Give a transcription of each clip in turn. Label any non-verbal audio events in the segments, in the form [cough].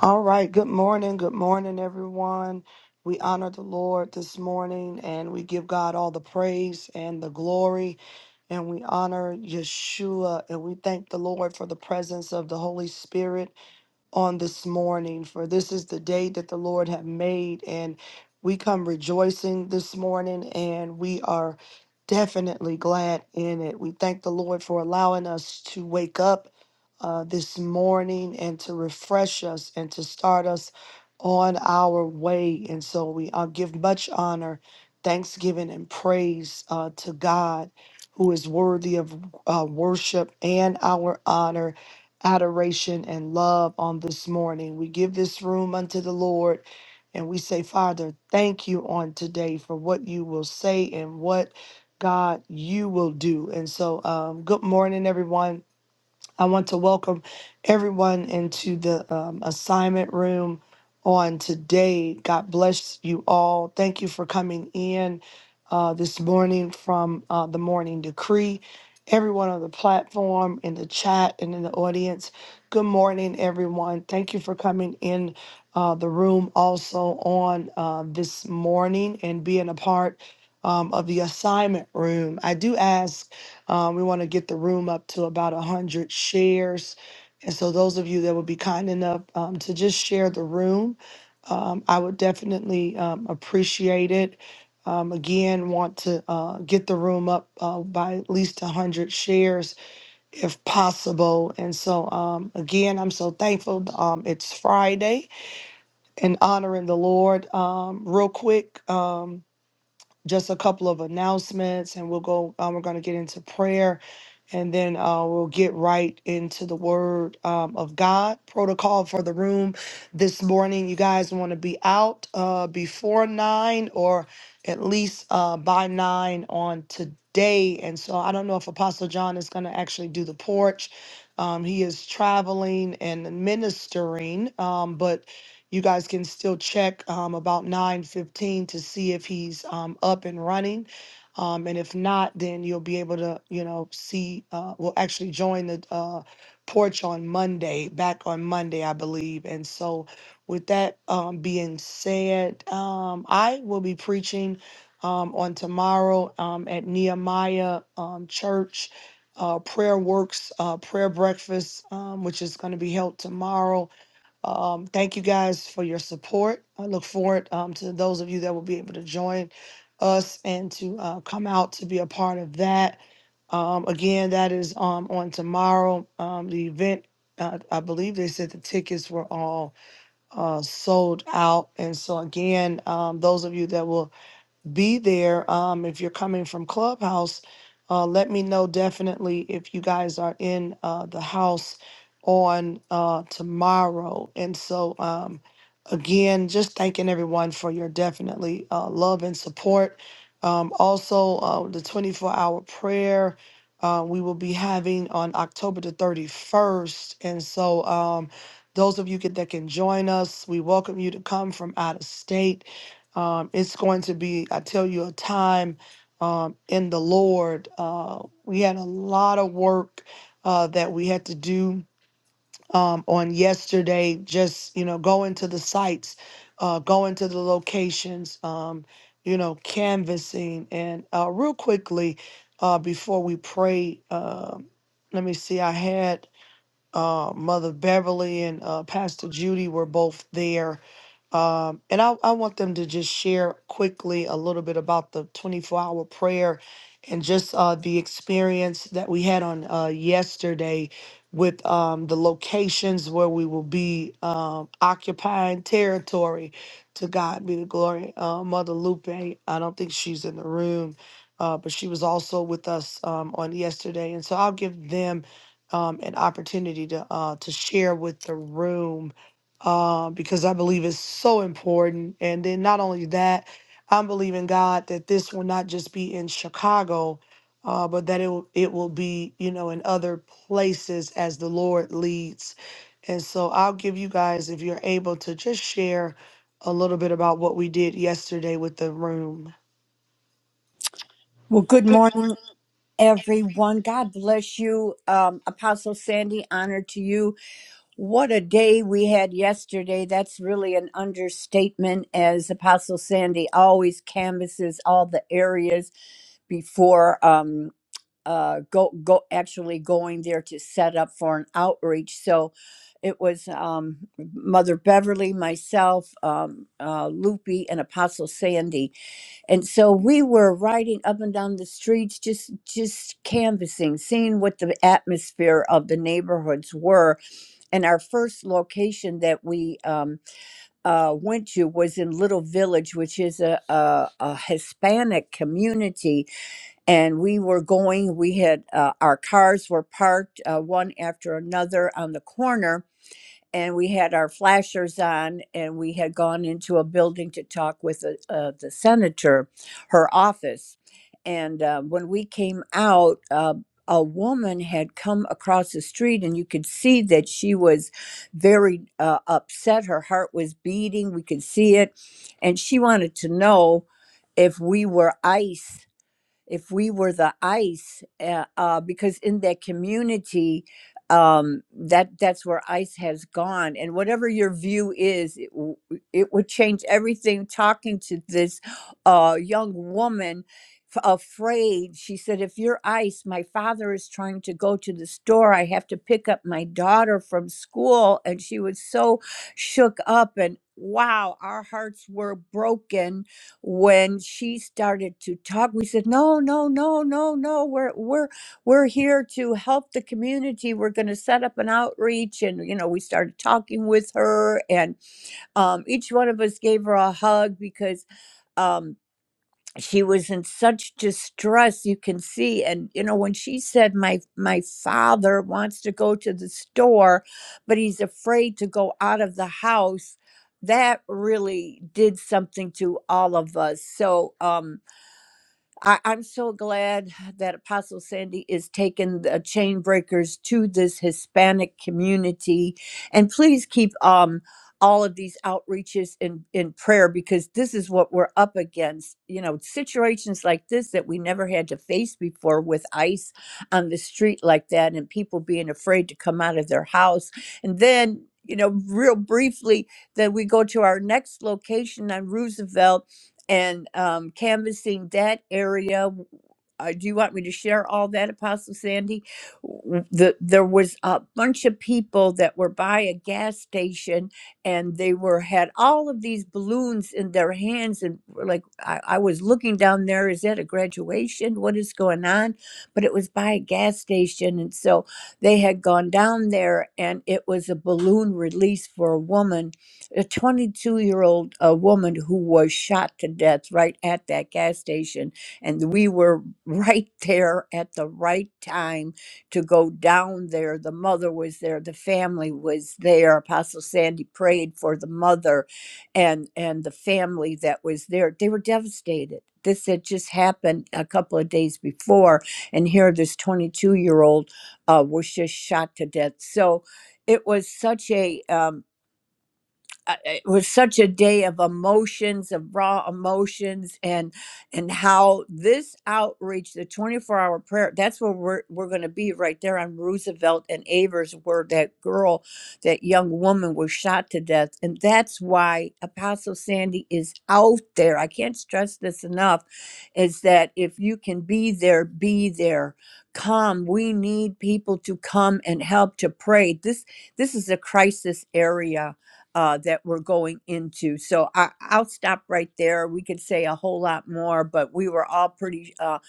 All right. Good morning. Good morning, everyone. We honor the Lord this morning and we give God all the praise and the glory. And we honor Yeshua and we thank the Lord for the presence of the Holy Spirit on this morning, for this is the day that the Lord have made, and we come rejoicing this morning, and we are definitely glad in it. We thank the Lord for allowing us to wake up uh, this morning and to refresh us and to start us on our way. And so we uh, give much honor, thanksgiving, and praise uh, to God, who is worthy of uh, worship and our honor adoration and love on this morning. We give this room unto the Lord and we say, Father, thank you on today for what you will say and what God you will do. And so, um, good morning, everyone. I want to welcome everyone into the um, assignment room on today. God bless you all. Thank you for coming in uh, this morning from uh, the morning decree. Everyone on the platform, in the chat, and in the audience. Good morning, everyone. Thank you for coming in uh, the room also on uh, this morning and being a part um, of the assignment room. I do ask um, we want to get the room up to about 100 shares. And so, those of you that would be kind enough um, to just share the room, um, I would definitely um, appreciate it. Um, again, want to uh, get the room up uh, by at least 100 shares if possible. And so, um, again, I'm so thankful. Um, it's Friday and honoring the Lord. Um, real quick. Um, just a couple of announcements and we'll go um, we're going to get into prayer and then uh, we'll get right into the word um, of god protocol for the room this morning you guys want to be out uh, before nine or at least uh, by nine on today and so i don't know if apostle john is going to actually do the porch um, he is traveling and ministering um, but you guys can still check um, about 9:15 to see if he's um, up and running. Um, and if not, then you'll be able to, you know, see. Uh, will actually join the uh, porch on Monday, back on Monday, I believe. And so, with that um, being said, um, I will be preaching um, on tomorrow um, at Nehemiah um, Church uh, Prayer Works uh, Prayer Breakfast, um, which is going to be held tomorrow um, thank you guys for your support. I look forward um, to those of you that will be able to join us and to uh, come out to be a part of that. Um, again, that is um, on tomorrow. Um, the event, uh, I believe they said the tickets were all uh, sold out. And so, again, um, those of you that will be there. Um, if you're coming from Clubhouse, uh, let me know definitely if you guys are in uh, the house on uh, tomorrow. And so, um, again, just thanking everyone for your definitely uh, love and support. Um, also, uh, the 24 hour prayer. Uh, we will be having on October the 31st. And so, um, those of you can, that can join us, we welcome you to come from out of state um, it's going to be, I tell you, a time um, in the Lord. Uh, we had a lot of work uh, that we had to do um, on yesterday, just, you know, going to the sites, uh, going to the locations, um, you know, canvassing. And uh, real quickly, uh, before we pray, um let me see, I had uh, Mother Beverly and uh, Pastor Judy were both there. Um, and I, I want them to just share quickly a little bit about the 24 hour prayer and just uh, the experience that we had on uh, yesterday with um, the locations where we will be um, occupying territory. To God be the glory. Uh, Mother Lupe, I don't think she's in the room, uh, but she was also with us um, on yesterday. And so I'll give them um, an opportunity to uh, to share with the room uh, because I believe it's so important. And then not only that, I'm believing God that this will not just be in Chicago, uh, but that it will, it will be you know in other places as the Lord leads. And so I'll give you guys if you're able to just share a little bit about what we did yesterday with the room. Well, Well, good good morning. morning, everyone. God bless you. Um, Apostle Sandy, honor to you. What a day we had yesterday. That's really an understatement, as Apostle Sandy always canvasses all the areas before um, uh, go, go actually going there to set up for an outreach. So it was um, Mother Beverly, myself, um, uh, Loopy, and Apostle Sandy and so we were riding up and down the streets just just canvassing seeing what the atmosphere of the neighborhoods were and our first location that we um, uh, went to was in little village which is a, a, a hispanic community and we were going we had uh, our cars were parked uh, one after another on the corner and we had our flashers on and we had gone into a building to talk with the, uh, the senator her office and uh, when we came out uh, a woman had come across the street and you could see that she was very uh, upset her heart was beating we could see it and she wanted to know if we were ice if we were the ICE, uh, uh, because in that community, um, that that's where ICE has gone, and whatever your view is, it, w- it would change everything. Talking to this uh, young woman, f- afraid, she said, "If you're ICE, my father is trying to go to the store. I have to pick up my daughter from school," and she was so shook up and. Wow, our hearts were broken when she started to talk we said no no no no no we're we're we're here to help the community we're going to set up an outreach and you know we started talking with her and um, each one of us gave her a hug because um, she was in such distress you can see and you know when she said my my father wants to go to the store but he's afraid to go out of the house that really did something to all of us so um I, I'm so glad that Apostle Sandy is taking the chain breakers to this Hispanic community. And please keep um, all of these outreaches in, in prayer because this is what we're up against. You know, situations like this that we never had to face before with ICE on the street like that and people being afraid to come out of their house. And then you know, real briefly, then we go to our next location on Roosevelt and um, canvassing that area. Uh, do you want me to share all that, Apostle Sandy? W- The, there was a bunch of people that were by a gas station, and they were had all of these balloons in their hands, and were like I, I was looking down there, is that a graduation? What is going on? But it was by a gas station, and so they had gone down there, and it was a balloon release for a woman a 22 year old uh, woman who was shot to death right at that gas station. And we were [laughs] right there at the right time to go down there. The mother was there, the family was there. Apostle Sandy prayed for the mother and, and the family that was there. They were devastated. This had just happened a couple of days before. And here, this 22 year old uh, was just shot to death. So, it was such a Um, uh, it was such a day of emotions of raw emotions and and how this outreach the 24 hour prayer that's where we're, we're going to be right there on roosevelt and avers where that girl that young woman was shot to death and that's why apostle sandy is out there i can't stress this enough is that if you can be there be there come we need people to come and help to pray this this is a crisis area uh, that we're going into. So I, I'll stop right there. We could say a whole lot more, but we were all pretty uh,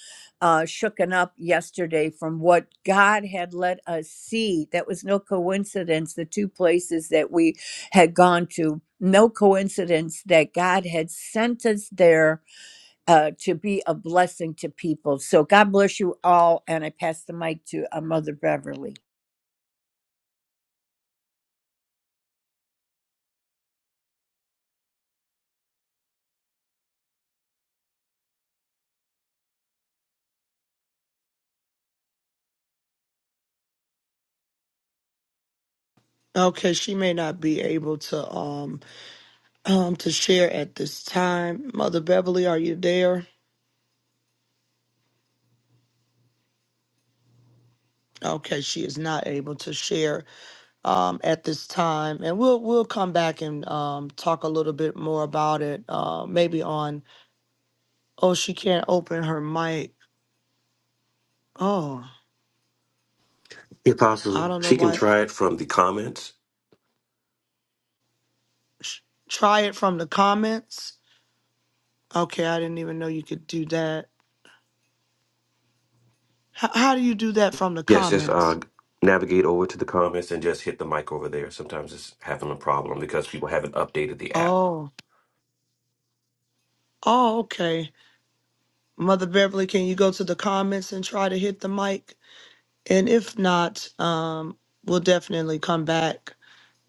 uh, shooken up yesterday from what God had let us see. That was no coincidence, the two places that we had gone to. No coincidence that God had sent us there uh, to be a blessing to people. So God bless you all. And I pass the mic to uh, Mother Beverly. Okay, she may not be able to. Um, um, to share at this time. Mother Beverly, are you there? Okay, she is not able to share um, at this time, and we'll we'll come back and um, talk a little bit more about it. Uh, maybe on oh she can't open her mic. Oh, The I apostle, don't know she can why. try it from the comments. Sh- Try it from the comments. Okay, I didn't even know you could do that. H- how do you do that from the Yes, just uh, comments? navigate over to the comments and just hit the mic over there. Sometimes it's having a problem because people haven't updated the app. Oh, oh, okay. Mother Beverly, can you go to the comments and try to hit the mic? And if not, um, we'll definitely come back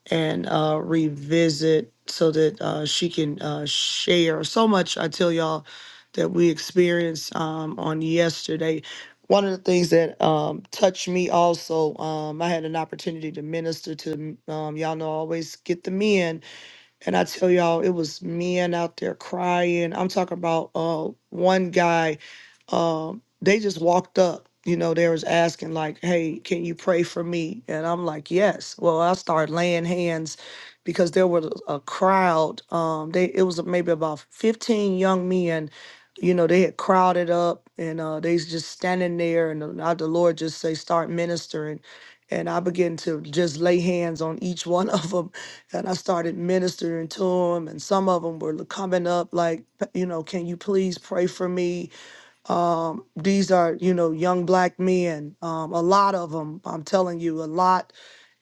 and uh, revisit so that uh, she can uh, share so much. I tell y'all that we experienced um, on yesterday. One of the things that um, touched me also, um, I had an opportunity to minister to, um, y'all know, I always get the men and I tell y'all, it was men out there crying. I'm talking about uh, one guy. Um, they just walked up. You know, they was asking like, "Hey, can you pray for me?" And I'm like, "Yes." Well, I started laying hands because there was a crowd. Um, they it was maybe about 15 young men. You know, they had crowded up and uh, they was just standing there. And the uh, the Lord just say, "Start ministering." And I began to just lay hands on each [laughs] one of them and I started ministering to them. And some of them were coming up like, you know, can you please pray for me? Um, these are, you know, young black men. Um, a lot of them, I'm telling you, a lot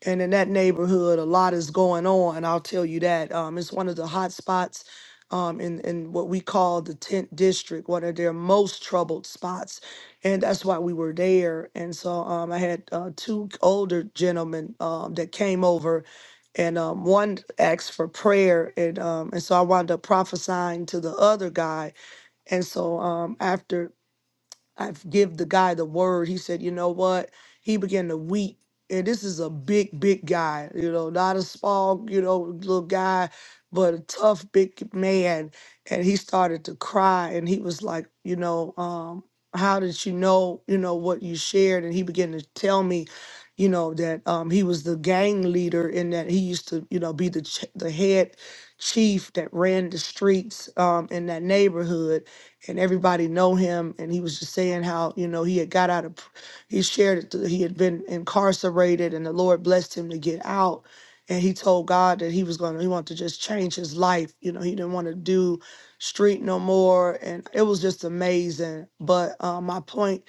and in that neighborhood, a lot is going on. I'll tell you that. Um, it's one of the hot spots um, in in what we call the tent district, one of their most troubled spots, and that's why we were there. And so um, I had uh, two older gentlemen um, that came over. And um, one asked for prayer, and um, and so I wound up prophesying to the other guy. And so um, after I give the guy the word. He said, you know what? He began to weep. And this is a big, big guy, you know, not a small, you know, little guy, but a tough, big man. And he started to cry and he was like, you know, um, how did you know, you know, what you shared? And he began to tell me, you know, that um, he was the gang leader and that he used to, you know, be the, ch- the head chief that ran the streets um, in that neighborhood and everybody know him and he was just saying how you know he had got out of pr- he shared that he had been incarcerated and the lord blessed him to get out and he told god that he was going to he wanted to just change his life you know he didn't want to do street no more and it was just amazing but uh, my point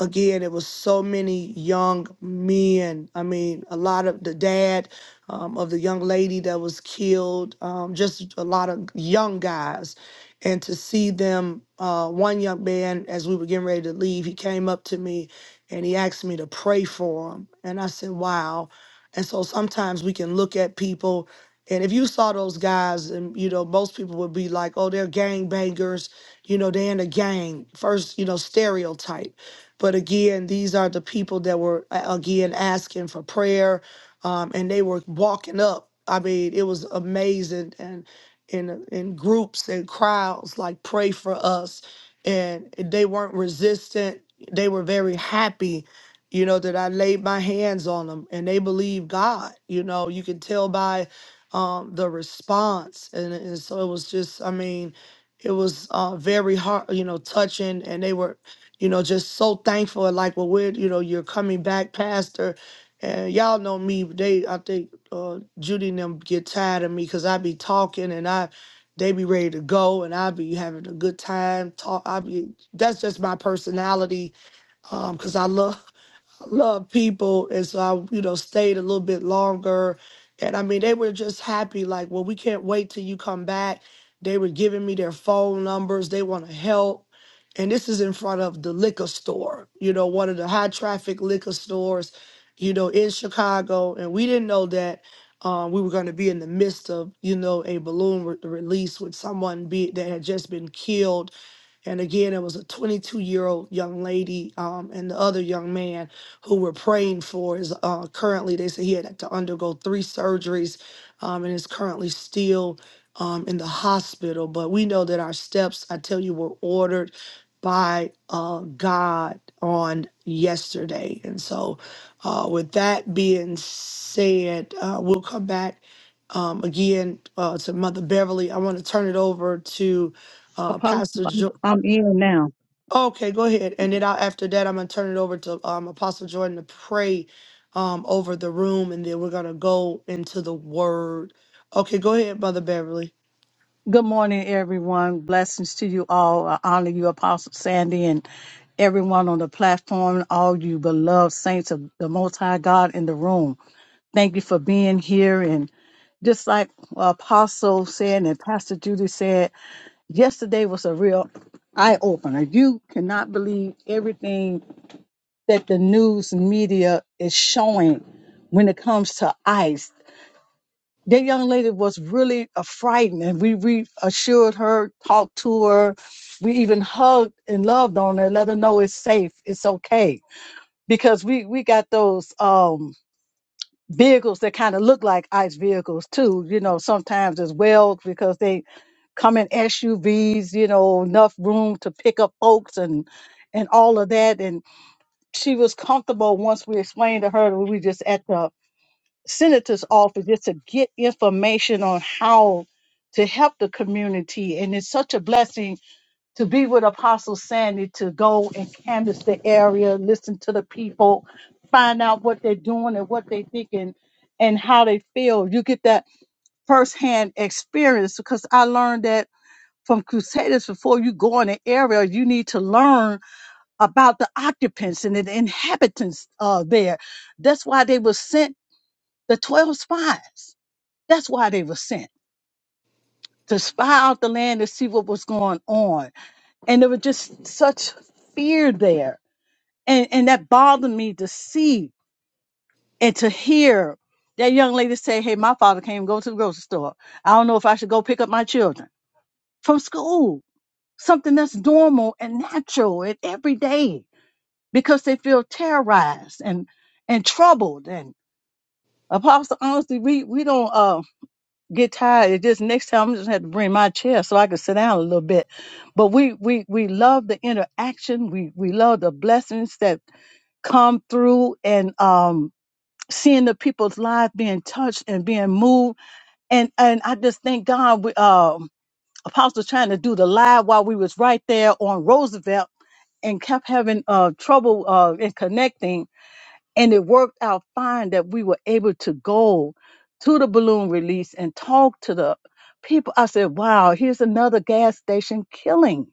again, it was so many young men. I mean, a lot of the dad um, of the young lady that was killed, um, just a lot of young guys. And to see them, uh, one young man, as we were getting ready to leave, he came up to me and he asked me to pray for him. And I said, wow. And so sometimes we can look at people. And if you saw those guys, and you know, most people would be like, oh, they're gang bangers, you know, they're in a gang. First, you know, stereotype. But again, these are the people that were uh, again asking for prayer, um, and they were walking up. I mean, it was amazing, and in in groups and crowds, like pray for us, and they weren't resistant. They were very happy, you know, that I laid my hands on them, and they believed God. You know, you can tell by um, the response, and, and so it was just, I mean, it was uh, very hard, you know, touching, and they were you know, just so thankful. Like, well, we're, you know, you're coming back, Pastor. And y'all know me. They, I think uh, Judy and them get tired of me because I be talking and I, they be ready to go and I be having a good time. Talk. I be. That's just my personality. Um, because I love. [laughs] love people and so I you know stayed a little bit longer and I mean they were just happy like well we can't wait till you come back they were giving me their phone numbers they want to help and this is in front of the liquor store you know one of the high traffic liquor stores you know in Chicago and we didn't know that um, we were going to be in the midst of you know a balloon re- release with someone be that had just been killed and again, it was a 22 year old young lady um, and the other young man who were praying for is uh, currently, they said he had to undergo three surgeries um, and is currently still um, in the hospital. But we know that our steps, I tell you, were ordered by uh, God on yesterday. And so, uh, with that being said, uh, we'll come back um, again uh, to Mother Beverly. I want to turn it over to uh, Apostle, Pastor. Jo- I'm in now. Okay, go ahead. And then I, after that, I'm gonna turn it over to um, Apostle Jordan to pray um, over the room, and then we're gonna go into the Word. Okay, go ahead, Mother Beverly. Good morning, everyone. Blessings to you all. I honor you, Apostle Sandy, and everyone on the platform, all you beloved saints of the Most High God in the room. Thank you for being here. And just like Apostle said and Pastor Judy said, yesterday was a real eye opener. You cannot believe everything that the news media is showing when it comes to ICE that young lady was really uh, frightened and we reassured her talked to her we even hugged and loved on her let her know it's safe it's okay because we we got those um vehicles that kind of look like ice vehicles too you know sometimes as well because they come in suvs you know enough room to pick up folks and and all of that and she was comfortable once we explained to her that we were just at the senator's office just to get information on how to help the community. And it's such a blessing to be with Apostle Sandy to go and canvass the area, listen to the people, find out what they're doing and what they're thinking and how they feel. You get that firsthand experience because I learned that from Crusaders before you go in an area, you need to learn about the occupants and the inhabitants uh, there. That's why they were sent the 12 spies that's why they were sent to spy out the land to see what was going on. And there was just such fear there. And, and that bothered me to see and to hear that young lady say, Hey, my father can't even go to the grocery store. I don't know if I should go pick up my children from school. Something that's normal and natural and everyday because they feel terrorized and, and troubled. And Apostle, honestly, we, we don't. uh, get tired. It just next time I'm just have to bring my chair so I can sit down a little bit. But we we we love the interaction. We we love the blessings that come through and um seeing the people's lives being touched and being moved. And and I just thank God we um Apostle trying to do the live while we was right there on Roosevelt and kept having uh trouble uh in connecting and it worked out fine that we were able to go to the balloon release and talk to the people. I said, wow, here's another gas station killing,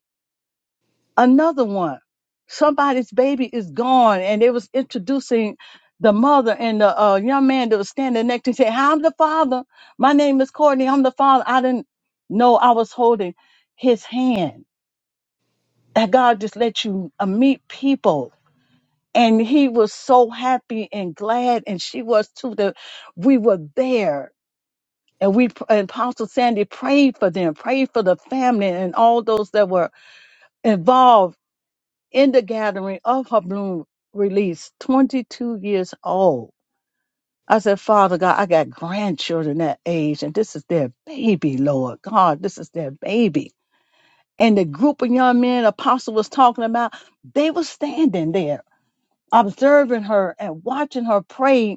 another one. Somebody's baby is gone. And they was introducing the mother and the uh, young man that was standing next to him said, I'm the father. My name is Courtney. I'm the father. I didn't know I was holding his hand. That God just let you uh, meet people and he was so happy and glad and she was too that we were there and we and apostle sandy prayed for them prayed for the family and all those that were involved in the gathering of her bloom release 22 years old i said father god i got grandchildren that age and this is their baby lord god this is their baby and the group of young men apostle was talking about they were standing there observing her and watching her pray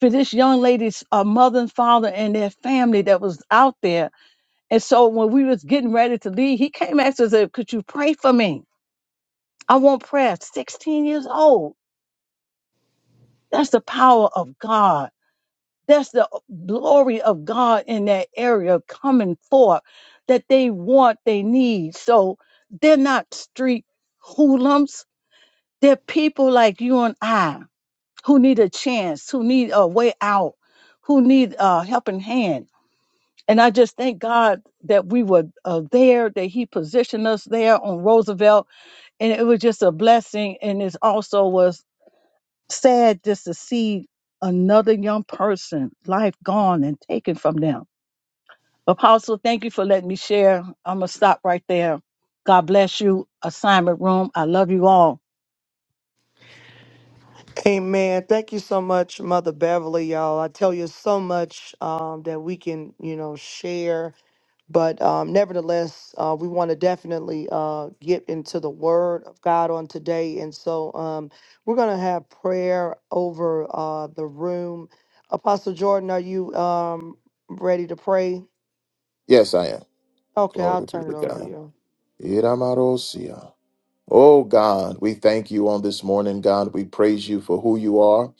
for this young lady's uh, mother and father and their family that was out there. And so when we was getting ready to leave, he came after us and said, could you pray for me? I want prayer. 16 years old. That's the power of God. That's the uh, glory of God in that area coming forth that they want, they need. So they're not street hoodlums. They're people like you and I who need a chance, who need a way out, who need a helping hand And I just thank God that we were uh, there, that He positioned us there on Roosevelt. And it was just a blessing. And it also was sad just to see another young person, life gone and taken from them. Apostle, thank you for letting me share. I'm going to stop right there. God bless you. Assignment room. I love you all. Amen. Thank you so much, Mother Beverly, y'all. I tell you so much um, that we can, you know, share. But um, nevertheless, uh, we want to definitely uh, get into the Word of God on today. And so um, we're going to have prayer over uh, the room. Apostle Jordan, are you um, ready to pray? Yes, I am. Okay, I'll Glory be turn to it over to God. you. Iramarosia. Oh God, we thank you on this morning, God. We praise you for who you are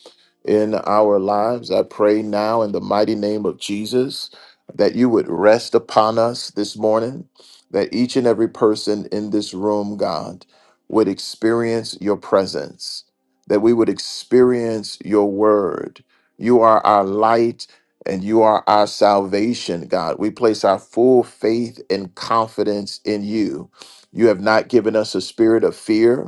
in our lives. I pray now in the mighty name of Jesus that you would rest upon us this morning, that each and every person in this room, God, would experience your presence, that we would experience your word. You are our light and you are our salvation, God. We place our full faith and confidence in you. You have not given us a spirit of fear,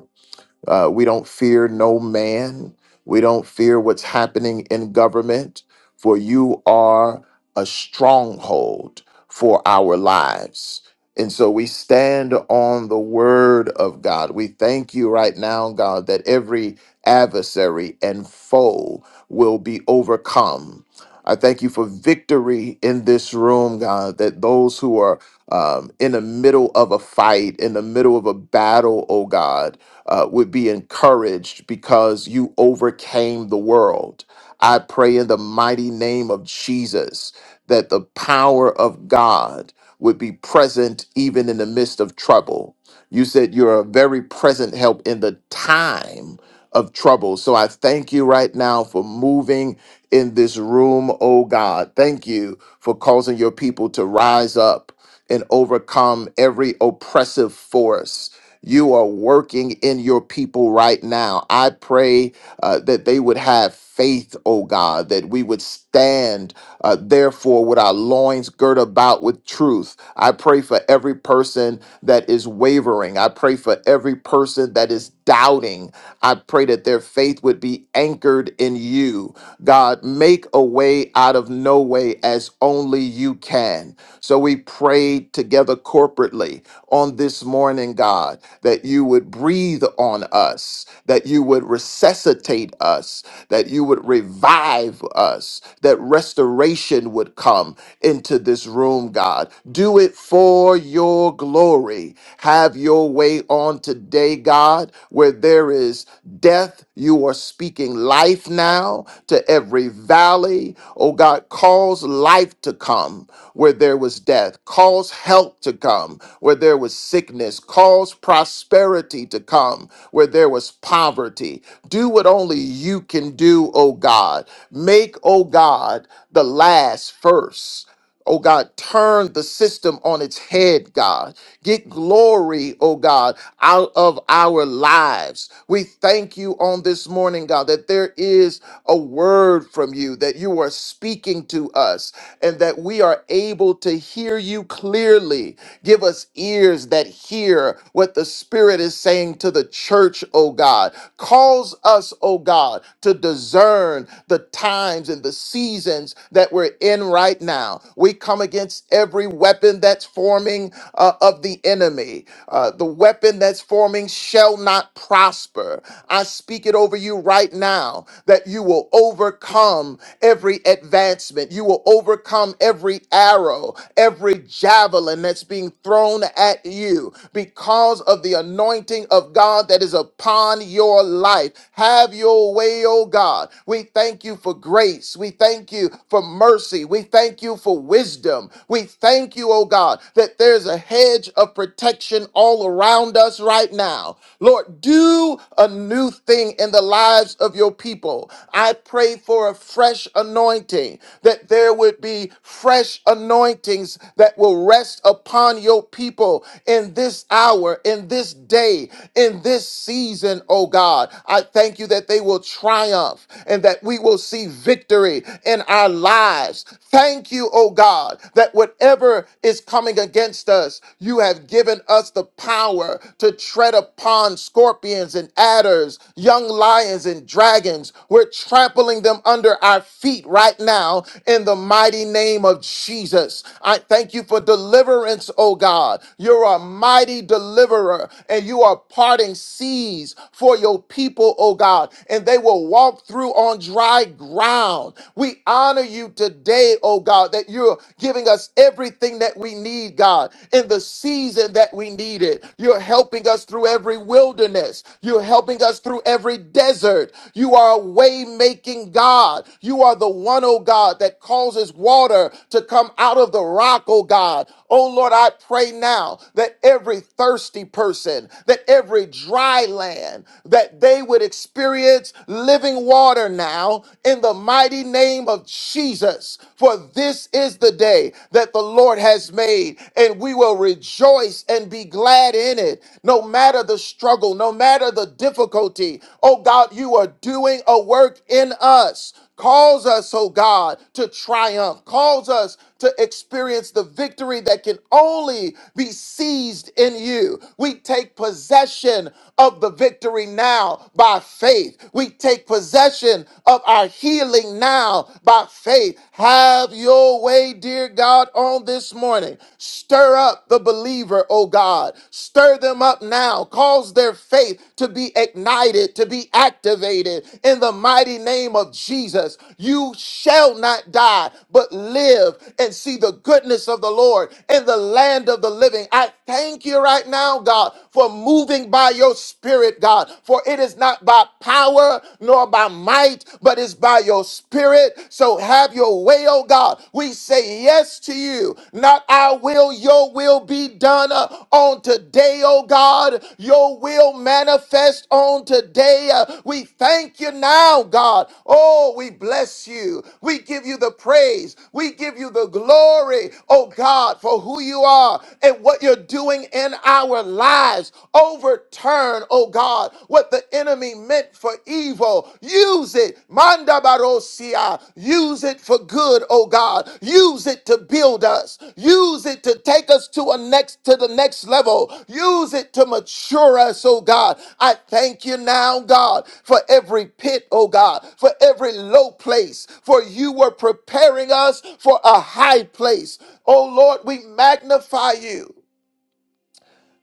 uh, we don't fear no man. We don't fear what's happening in government, for you are a stronghold for our lives. And so we stand on the word of God. We thank you right now, God, that every adversary and foe will be overcome. I thank you for victory in this room, God, that those who are um, in the middle of a fight, in the middle of a battle, oh God, uh, would be encouraged because you overcame the world. I pray in the mighty name of Jesus that the power of God would be present even in the midst of trouble. You said you're a very present help in the time of trouble. So I thank you right now for moving in this room, oh God. Thank you for causing your people to rise up and overcome every oppressive force you are working in your people right now. I pray uh, that they would have faith, oh God, that we would stand, uh, therefore, with our loins girt about with truth. I pray for every person that is wavering. I pray for every person that is doubting. I pray that their faith would be anchored in you. God, make a way out of no way as only you can. So we pray together corporately on this morning, God, that you would breathe on us, that you would resuscitate us, that you would revive us, that restoration would come into this room, God. Do it for your glory. Have your way on today, God, where there is death, you are speaking life now to every valley. Oh God, cause life to come where there was death, cause help to come where there was sickness, cause prosperity to come where there was poverty. Do what only you can do, O God. Make, O God, the last first. Oh God, turn the system on its head, God. Get glory, oh God, out of our lives. We thank you on this morning, God, that there is a word from you, that you are speaking to us, and that we are able to hear you clearly. Give us ears that hear what the Spirit is saying to the church, oh God. Cause us, oh God, to discern the times and the seasons that we're in right now. We come against every weapon that's forming uh, of the enemy. Uh, the weapon that's forming shall not prosper. I speak it over you right now that you will overcome every advancement. You will overcome every arrow, every javelin that's being thrown at you because of the anointing of God that is upon your life. Have your way, oh God. We thank you for grace. We thank thank you for mercy. We thank you for wisdom. We thank you, oh God, that there's a hedge of protection all around us right now. Lord, do a new thing in the lives of your people. I pray for a fresh anointing, that there would be fresh anointings that will rest upon your people in this hour, in this day, in this season, oh God. I thank you that they will triumph and that we we will see victory in our lives. Thank you, oh God, that whatever is coming against us, you have given us the power to tread upon scorpions and adders, young lions and dragons. We're trampling them under our feet right now in the mighty name of Jesus. I thank you for deliverance, oh God. You're a mighty deliverer and you are parting seas for your people, oh God, and they will will walk through on dry ground. We honor you today, oh God, that you're giving us everything that we need, God, in the season that we need it. You're helping us through every wilderness. You're helping us through every desert. You are a way making God. You are the one, oh God, that causes water to come out of the rock, oh God. Oh Lord, I pray now that every thirsty person, that every dry land, that they would experience living water now in the mighty name of Jesus. For this is the day that the Lord has made, and we will rejoice and be glad in it. No matter the struggle, no matter the difficulty, oh God, you are doing a work in us. Calls us, oh God, to triumph. Calls us to experience the victory that can only be seized in you. We take possession of the victory now by faith. We take possession of our healing now by faith. Have your way, dear God, on this morning. Stir up the believer, oh God. Stir them up now. Cause their faith to be ignited it to be activated in the mighty name of Jesus. You shall not die, but live and see the goodness of the Lord in the land of the living. I thank you right now, God, for moving by your spirit, God, for it is not by power nor by might, but it's by your spirit. So have your way, oh God. We say yes to you, not our our will, your will be done uh, on today, oh God. Your will manifest on today. Uh, we thank you now, God. Oh, we bless you. We give you the praise. We give you the glory, oh God, for who you are and what you're doing in our lives. Overturn, oh God, what the enemy meant for evil. Use it, Manda Barosia. Use it for good, oh God. Use it to build us. Use it to take us to a next to the next level. Use it to mature us, oh God. I thank you now, God, for every pit, oh God, for every low place. For you were preparing us for a high place. Oh Lord, we magnify you.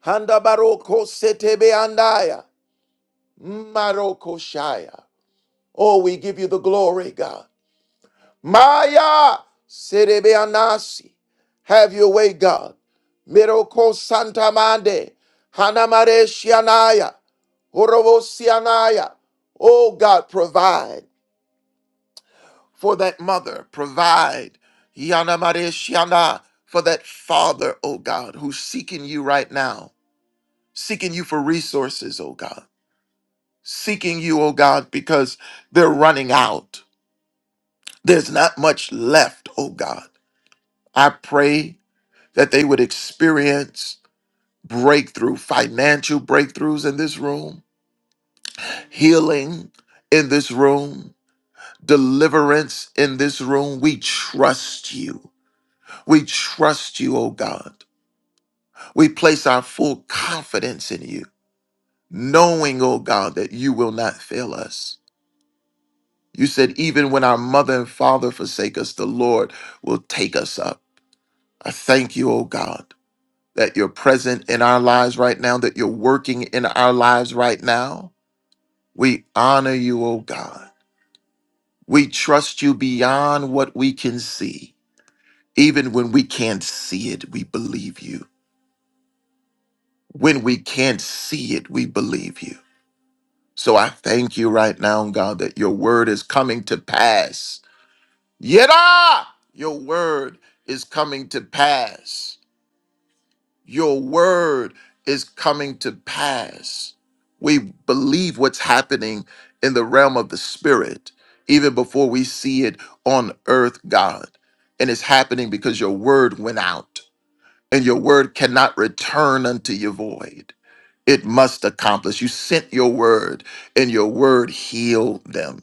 Handa Baroko Setebe Andaya. Maroko Shaya. Oh, we give you the glory, God. Maya Serebeanasi. Have your way, God. Miroko Santa Mande. Hanamare Shianaya. Horobo Sianaya. Oh God, provide for that mother. Provide. Yanamare Shiana. For that father, oh God, who's seeking you right now. Seeking you for resources, oh God. Seeking you, oh God, because they're running out. There's not much left, oh God. I pray that they would experience breakthrough, financial breakthroughs in this room, healing in this room, deliverance in this room. We trust you. We trust you, oh God. We place our full confidence in you, knowing, oh God, that you will not fail us. You said, even when our mother and father forsake us, the Lord will take us up. I thank you, oh God that you're present in our lives right now, that you're working in our lives right now. We honor you, O God. We trust you beyond what we can see. Even when we can't see it, we believe you. When we can't see it, we believe you. So I thank you right now, God, that your word is coming to pass. Yada! Your word is coming to pass. Your word is coming to pass. We believe what's happening in the realm of the spirit, even before we see it on earth, God. And it's happening because your word went out, and your word cannot return unto you void it must accomplish. You sent your word, and your word healed them.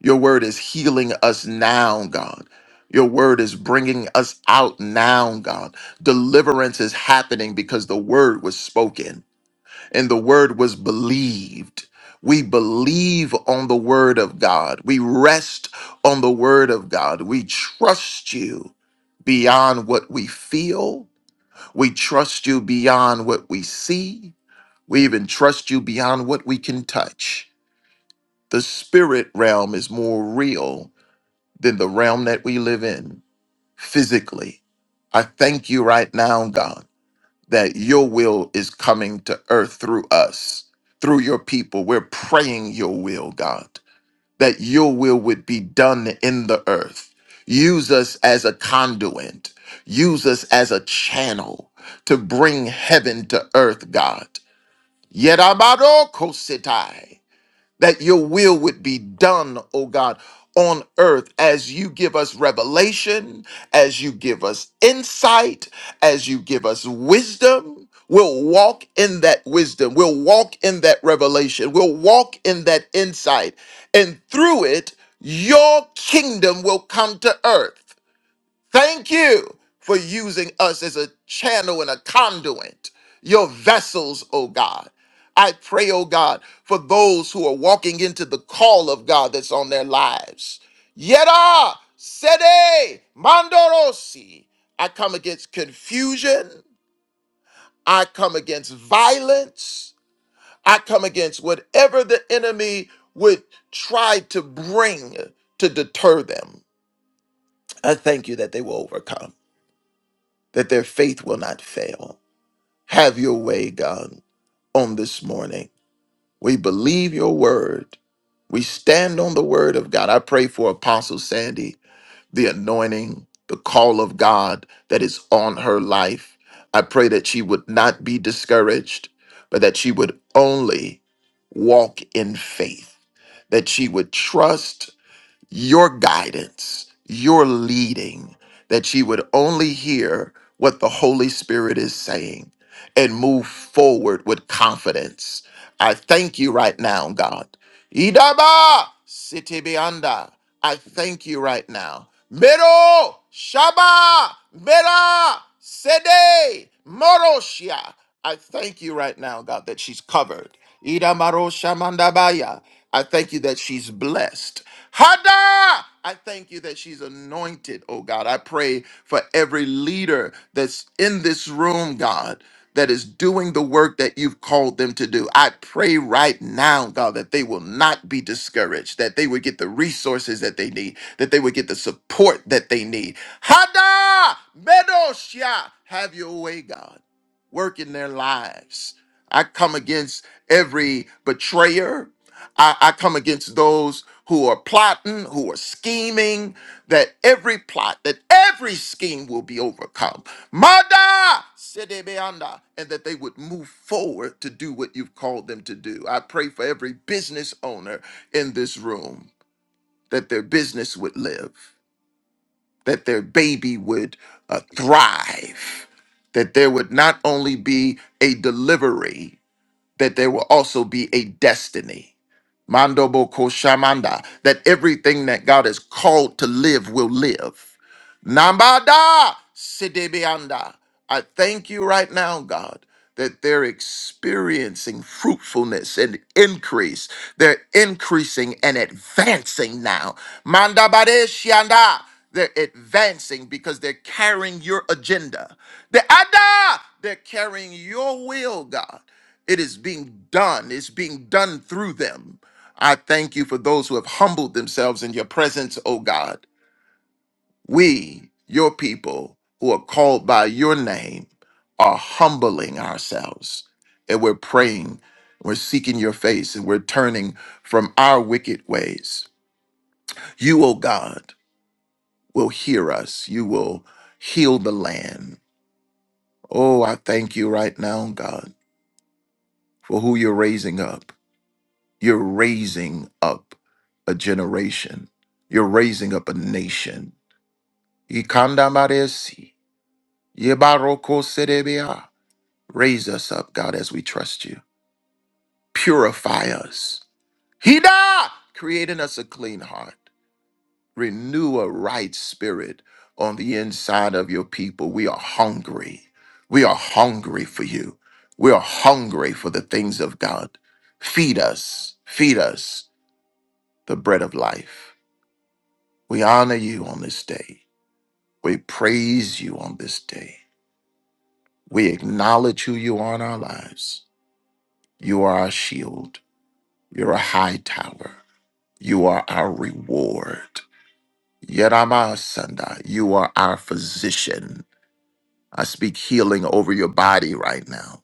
Your word is healing us now, God. Your word is bringing us out now, God. Deliverance is happening because the word was spoken and the word was believed. We believe on the word of God. We rest on the word of God. We trust you beyond what we feel. We trust you beyond what we see. We even trust you beyond what we can touch. The spirit realm is more real than the realm that we live in physically. I thank you right now, God, that your will is coming to earth through us, through your people. We're praying your will, God, that your will would be done in the earth. Use us as a conduit, use us as a channel to bring heaven to earth, God. Yet that your will would be done, oh God, on earth as you give us revelation, as you give us insight, as you give us wisdom. We'll walk in that wisdom. We'll walk in that revelation. We'll walk in that insight. And through it, your kingdom will come to earth. Thank you for using us as a channel and a conduit, your vessels, oh God. I pray, oh God, for those who are walking into the call of God that's on their lives. Yeda, Sede, Mandorosi. I come against confusion. I come against violence. I come against whatever the enemy would try to bring to deter them. I thank you that they will overcome. that their faith will not fail. Have your way, God, on this morning. We believe your word. We stand on the word of God. I pray for Apostle Sandy, the anointing, the call of God that is on her life. I pray that she would not be discouraged, but that she would only walk in faith, that she would trust your guidance, your leading, that you would only hear what the Holy Spirit is saying and move forward with confidence. I thank you right now, God. Idaba Sitibianda. I thank you right now. Mero Shaba Mera Sede Moroshia. I thank you right now, God, that she's covered. Ida Maro Shamandabaya. I thank you that she's blessed. Hada! I thank you that she's anointed, oh God. I pray for every leader that's in this room, God that is doing the work that you've called them to do. I pray right now, God, that they will not be discouraged, that they would get the resources that they need, that they would get the support that they need. Hada Medosha, have your way, God. Work in their lives. I come against every betrayer. I, I come against those who are plotting, who are scheming, that every plot, that every scheme will be overcome. Mada sedebeanda, and that they would move forward to do what you've called them to do. I pray for every business owner in this room that their business would live, that their baby would uh, thrive, that there would not only be a delivery, that there will also be a destiny. Mandobo koshamanda, that everything that God is called to live will live. Nambada sidebeanda. I thank you right now, God, that they're experiencing fruitfulness and increase. They're increasing and advancing now. Mandabade shianda. They're advancing because they're carrying your agenda. The ada, they're carrying your will, God. It is being done. It's being done through them. I thank you for those who have humbled themselves in your presence, O God. We, your people, who are called by your name, are humbling ourselves and we're praying, we're seeking your face, and we're turning from our wicked ways. You, O God, will hear us. You will heal the land. Oh, I thank you right now, God, for who you're raising up. You're raising up a generation. You're raising up a nation. Ikandamaresi, yebarokoserebea. Raise us up, God, as we trust you. Purify us. Hida! Create in us a clean heart. Renew a right spirit on the inside of your people. We are hungry. We are hungry for you. We are hungry for the things of God. Feed us, feed us the bread of life. We honor you on this day. We praise you on this day. We acknowledge who you are in our lives. You are our shield. You're a high tower. You are our reward. Yerama Sanda, you are our physician. I speak healing over your body right now.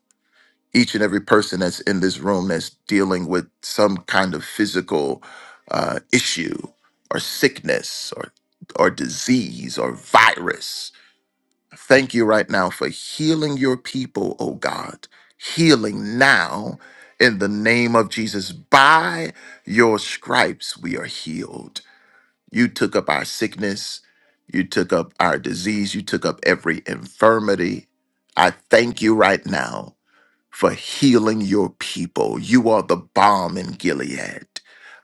Each and every person that's in this room that's dealing with some kind of physical uh, issue or sickness or or disease or virus Thank you right now for healing your people, oh God. Healing now in the name of Jesus. By your stripes, we are healed. You took up our sickness, you took up our disease, you took up every infirmity. I thank you right now for healing your people. You are the balm in Gilead.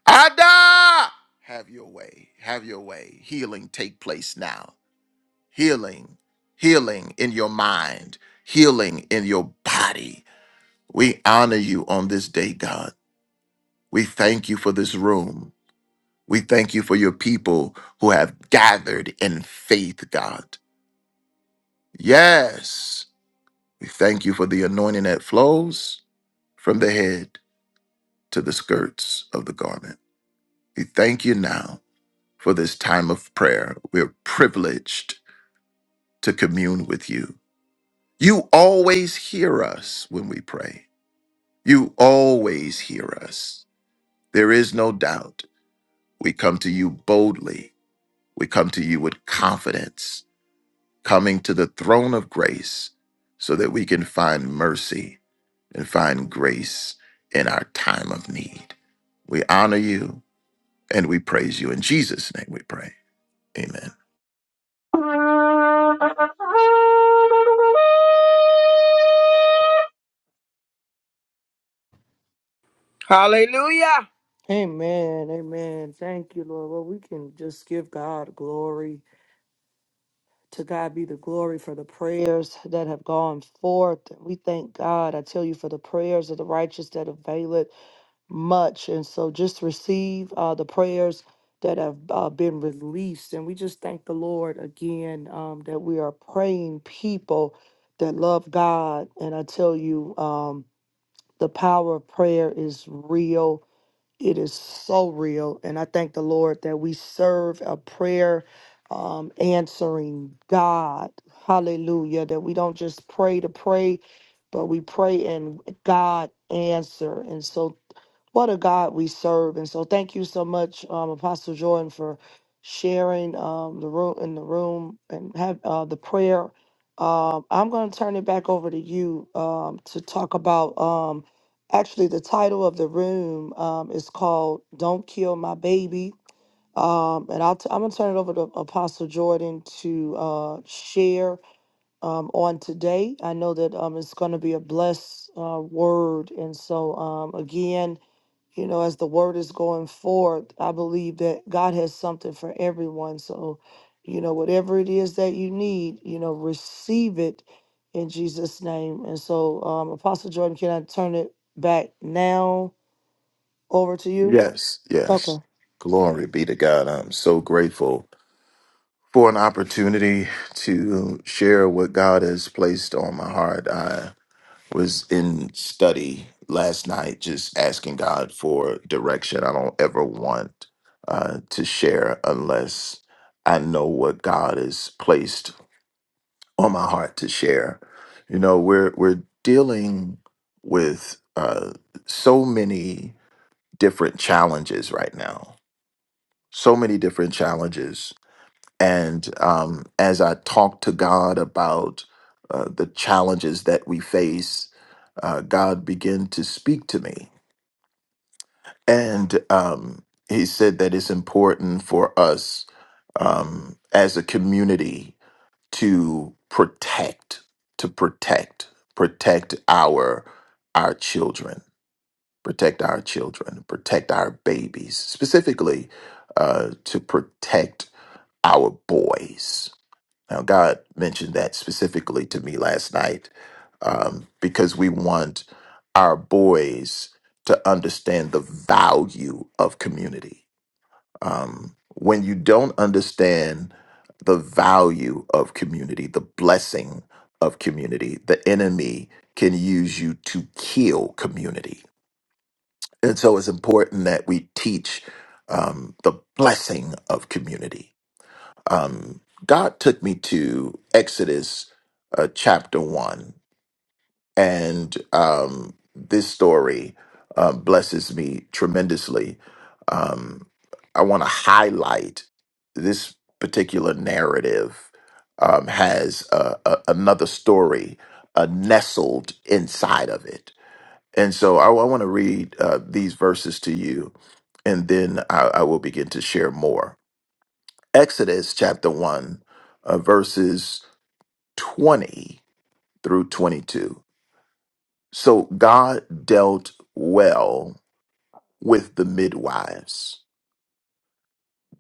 Ada! Have your way. Have your way. Healing take place now healing, healing in your mind, healing in your body. We honor you on this day, God. We thank you for this room. We thank you for your people who have gathered in faith, God. Yes, we thank you for the anointing that flows from the head to the skirts of the garment. We thank you now for this time of prayer. We're privileged to commune with you. You always hear us when we pray. You always hear us. There is no doubt. We come to you boldly. We come to you with confidence, coming to the throne of grace so that we can find mercy and find grace in our time of need. We honor you and we praise you. In Jesus' name we pray. Amen. Yeah, Hallelujah. Amen. Amen. Thank you, Lord. Well, we can just give God glory. To God be the glory for the prayers that have gone forth. We thank God, I tell you, for the prayers of the righteous that avail it. much. And so just receive uh, the prayers that have uh, been released. And we just thank the Lord again um, that we are praying people that love God. And I tell you, um, the power of prayer is real. It is so real. And I thank the Lord that we serve a prayer um, answering God. Hallelujah. That we don't just pray to pray, but we pray and God answer. And so what a God we serve. And so thank you so much, um, Apostle Jordan, for sharing um, the room in the room and have uh, the prayer. Um, I'm going to turn it back over to you um, to talk about. Um, actually, the title of the room um, is called "Don't Kill My Baby," um, and I'll t- I'm going to turn it over to Apostle Jordan to uh, share um, on today. I know that um, it's going to be a blessed uh, word, and so um, again you know, as the word is going forth, I believe that God has something for everyone. So, you know, whatever it is that you need, you know, receive it in Jesus' name. And so, um, Apostle Jordan, can I turn it back now over to you? Yes, yes. Okay. Glory be to God. I'm so grateful for an opportunity to share what God has placed on my heart. I. was in study last night just asking God for direction. I don't ever want uh, to share unless I know what God has placed on my heart to share. You know, we're we're dealing with uh, so many different challenges right now. So many different challenges and um, as I talked to God about uh, the challenges that we face, uh, God began to speak to me. And um, He said that it's important for us um, as a community to protect, to protect, protect our our children, protect our children, protect our babies, specifically uh, to protect our boys now, God mentioned that specifically to me last night um, because we want our boys to understand the value of community. Um, when you don't understand the value of community, the blessing of community, the enemy can use you to kill community. And so it's important that we teach um, the blessing of community um, God took me to Exodus uh, chapter one, and um, this story uh, blesses me tremendously. Um, I want to highlight this particular narrative um, has uh, a, another story uh, nestled inside of it, and so I, I want to read uh, these verses to you, and then I, I will begin to share more. Exodus chapter 1, uh, verses 20 through 22. So God dealt well with the midwives.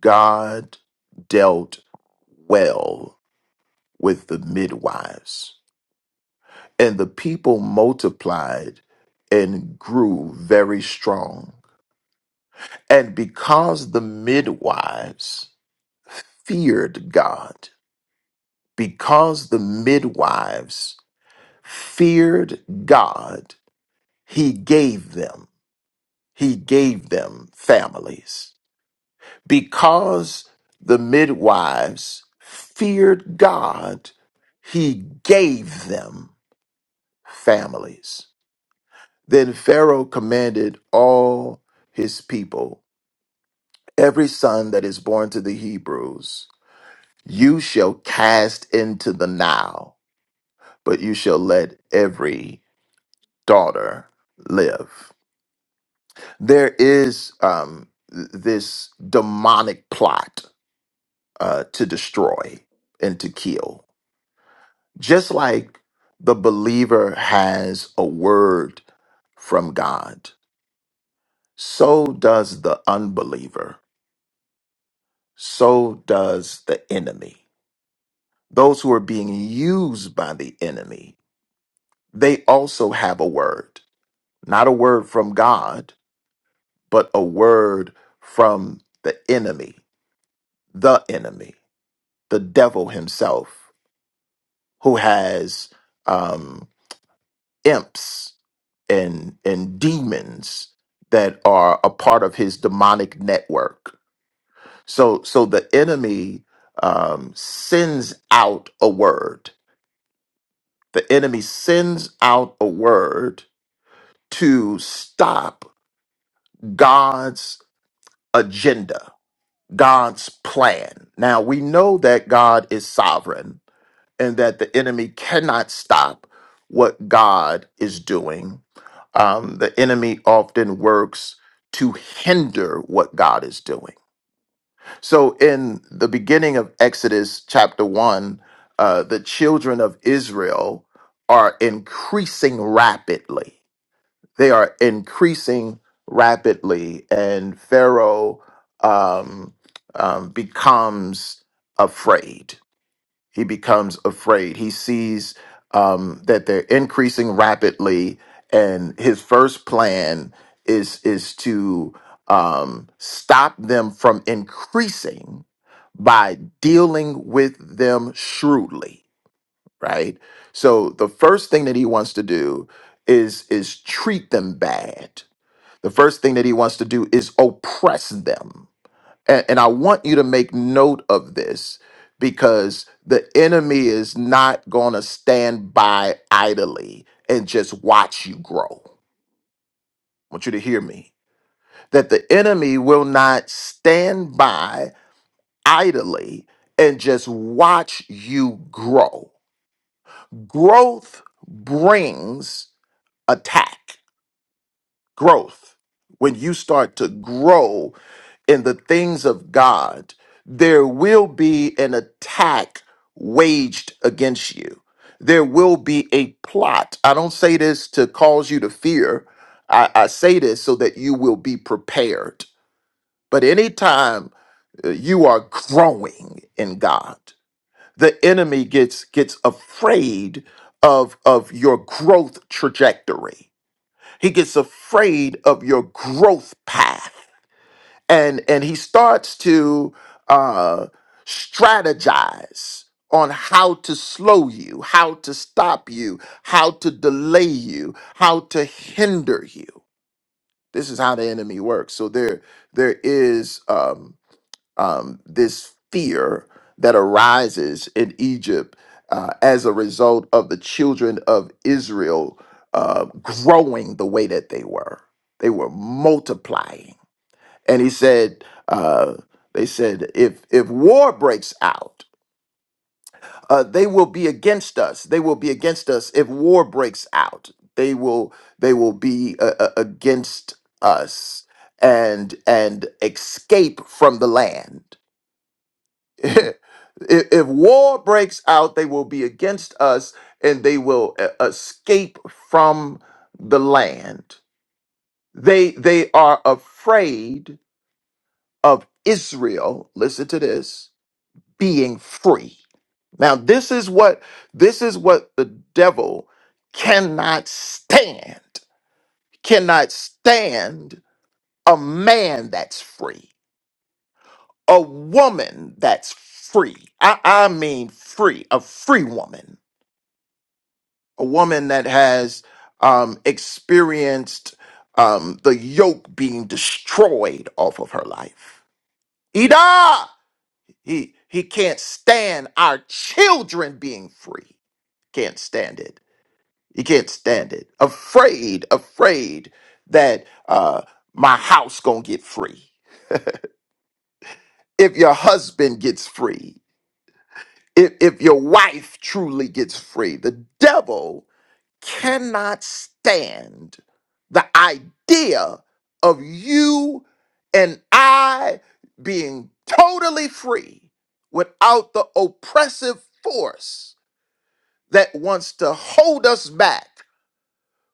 God dealt well with the midwives. And the people multiplied and grew very strong. And because the midwives feared God, because the midwives feared God, he gave them, he gave them families. Because the midwives feared God, he gave them families. Then Pharaoh commanded all his people, every son that is born to the Hebrews, you shall cast into the Nile, but you shall let every daughter live. there is um, th- this demonic plot uh, to destroy and to kill. Just like the believer has a word from God, so does the unbeliever, so does the enemy. Those who are being used by the enemy, they also have a word, not a word from God, but a word from the enemy, the enemy. the devil himself, who has um, imps and and demons that are a part of his demonic network. So so the enemy um, sends out a word. The enemy sends out a word to stop God's agenda, God's plan. Now we know that God is sovereign and that the enemy cannot stop what God is doing. Um, the enemy often works to hinder what God is doing. So, in the beginning of Exodus chapter 1, uh, the children of Israel are increasing rapidly. They are increasing rapidly, and Pharaoh um, um, becomes afraid he becomes afraid. He sees um, that they're increasing rapidly, and his first plan is is to um, stop them from increasing by dealing with them shrewdly. Right. So the first thing that he wants to do is is treat them bad. The first thing that he wants to do is oppress them and, and I want you to make note of this because the enemy is not going to stand by idly and just watch you grow. I want you to hear me. That the enemy will not stand by idly and just watch you grow. Growth brings attack. growth. When you start to grow in the things of God, there will be an attack waged against you. There will be a plot. I don't say this to cause you to fear. I, I say this so that you will be prepared. But anytime uh, you are growing in God, the enemy gets gets afraid of of your growth trajectory he gets afraid of your growth path and and he starts to uh strategize on how to slow you how to stop you how to delay you how to hinder you this is how the enemy works so there there is Um, um, this fear that arises in Egypt uh, as a result of the children of Israel uh, growing the way that they were. They were multiplying. And he said, uh, they said, if, if war breaks out, uh, they will be against us. They will be against us if war breaks out. They will they will be uh, uh, against us and and escape from the land [laughs] if, if war breaks out, they will be against us and they will e- escape from the land. They they are afraid of Israel, listen to this, being free. Now this is what this is what the devil cannot stand. Cannot stand a man that's free, a woman that's free. I, I mean free, a free woman a woman that has um, experienced um, the yoke being destroyed off of her life. Ida, he he can't stand our children being free. Can't stand it. He can't stand it. Afraid, afraid that uh, my house gonna get free. If your husband gets free, if if your wife truly gets free, the devil cannot stand the idea of you and I being totally free without the oppressive force that wants to hold us back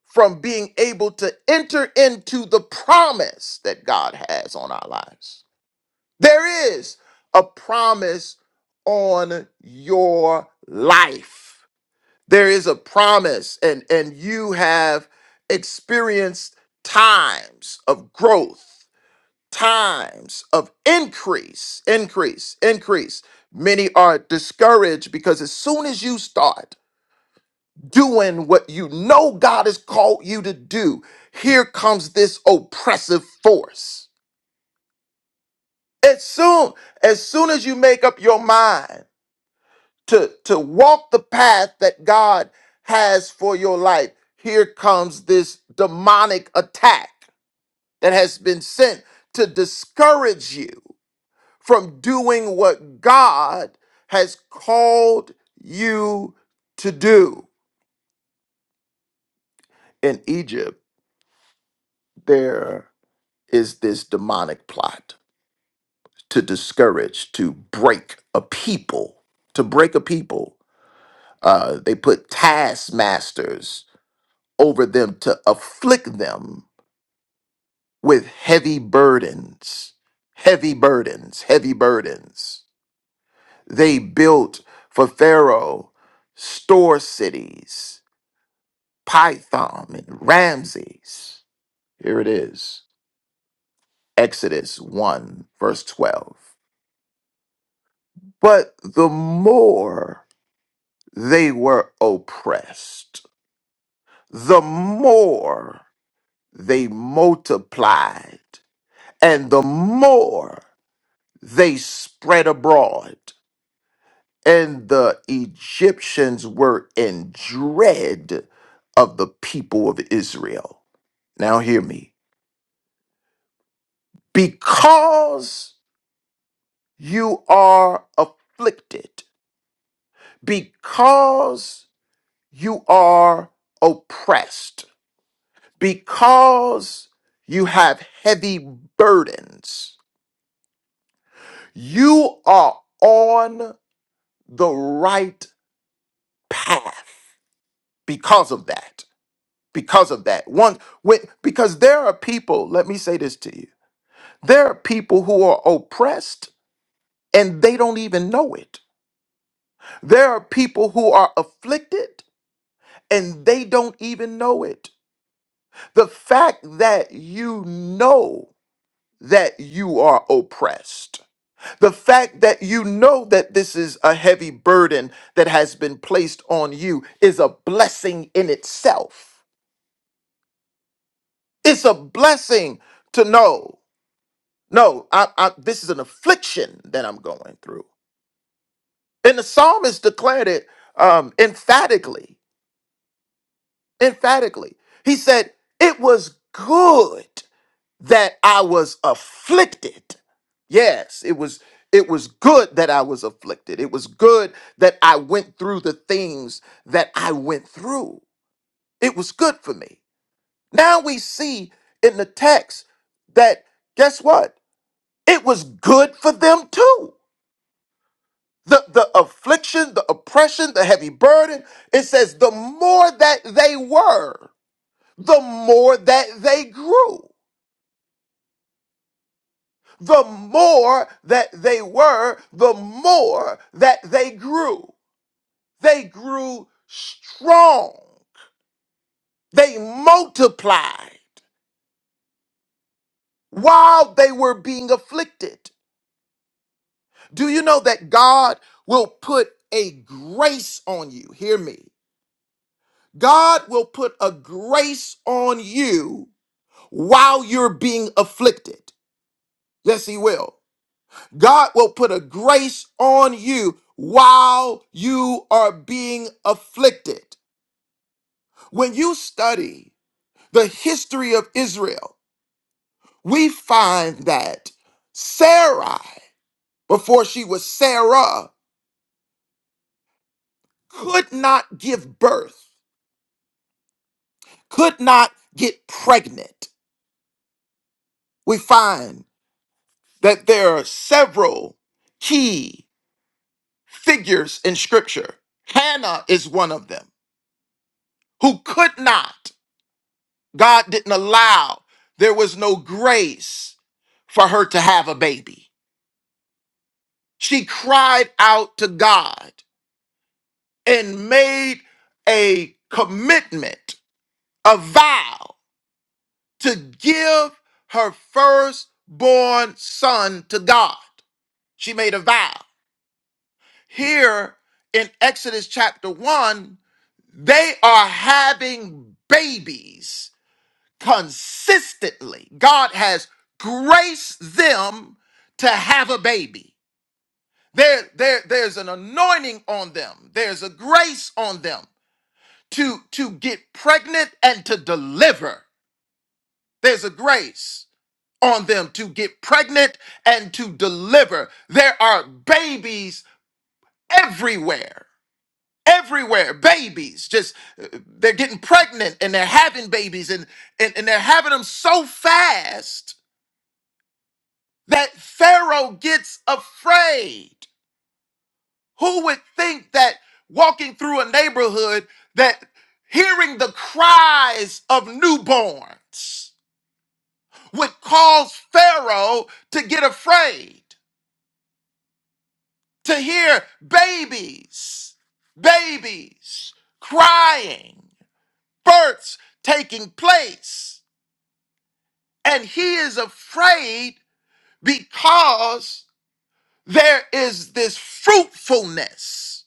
from being able to enter into the promise that God has on our lives. There is a promise on your life there is a promise and and you have experienced times of growth times of increase increase increase many are discouraged because as soon as you start doing what you know God has called you to do here comes this oppressive force as soon as soon as you make up your mind to to walk the path that God has for your life, here comes this demonic attack that has been sent to discourage you from doing what God has called you to do. In Egypt, there is this demonic plot to discourage, to break a people, to break a people. Uh, they put taskmasters over them to afflict them with heavy burdens, heavy burdens, heavy burdens. They built for Pharaoh store cities, Python and Ramses. Here it is Exodus 1, verse 12. But the more they were oppressed, the more they multiplied, and the more they spread abroad, and the Egyptians were in dread of the people of Israel. Now, hear me. Because you are afflicted, because you are oppressed, because you have heavy burdens, you are on the right path because of that. because of that. One with because there are people, let me say this to you. There are people who are oppressed and they don't even know it. There are people who are afflicted and they don't even know it. The fact that you know that you are oppressed, the fact that you know that this is a heavy burden that has been placed on you is a blessing in itself. It's a blessing to know. No, I, I, this is an affliction that I'm going through. And the psalmist declared it um, emphatically. Emphatically. He said, It was good that I was afflicted. Yes, it was. It was good that I was afflicted. It was good that I went through the things that I went through. It was good for me. Now we see in the text that guess what? It was good for them too the, the affliction, the oppression, the heavy burden. It says the more that they were, the more that they grew. The more that they were, the more that they grew. They grew strong. They multiplied while they were being afflicted. Do you know that God will put a grace on you? Hear me. God will put a grace on you while you're being afflicted. Yes, He will. God will put a grace on you while you are being afflicted. When you study the history of Israel, we find that Sarai, before she was Sarah, could not give birth, could not get pregnant. We find that there are several key figures in scripture. Hannah is one of them who could not, God didn't allow, there was no grace for her to have a baby. She cried out to God and made a commitment, a vow to give her firstborn son to God. She made a vow. Here in Exodus chapter 1, they are having babies consistently. God has graced them to have a baby. There, there, there's an anointing on them. There's a grace on them to, to get pregnant and to deliver. There's a grace on them to get pregnant and to deliver. There are babies everywhere. everywhere babies just uh, they're getting pregnant and they're having babies and, and and they're having them so fast that pharaoh gets afraid who would think that walking through a neighborhood that hearing the cries of newborns would cause pharaoh to get afraid to hear babies babies crying births taking place And he is afraid because there is this fruitfulness.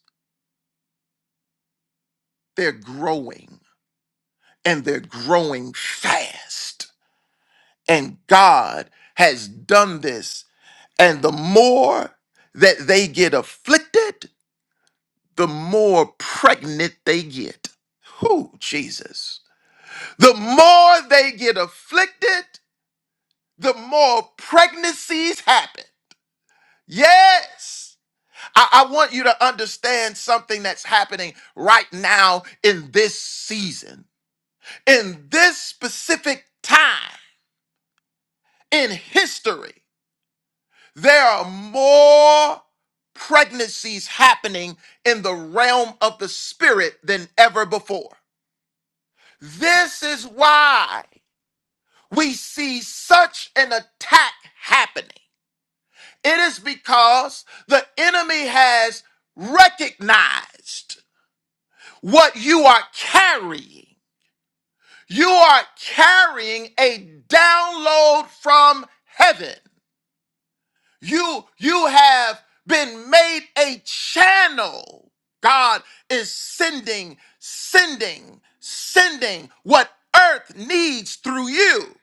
They're growing and they're growing fast. And God has done this. And the more that they get afflicted, the more pregnant they get. Who, Jesus? The more they get afflicted, the more pregnancies happen. Yes. I, I want you to understand something that's happening right now in this season, in this specific time in history. There are more pregnancies happening in the realm of the spirit than ever before. This is why we see such an attack happening. It is because the enemy has recognized what you are carrying. You are carrying a download from heaven. You you have been made a channel. God is sending, sending, sending what earth needs through you.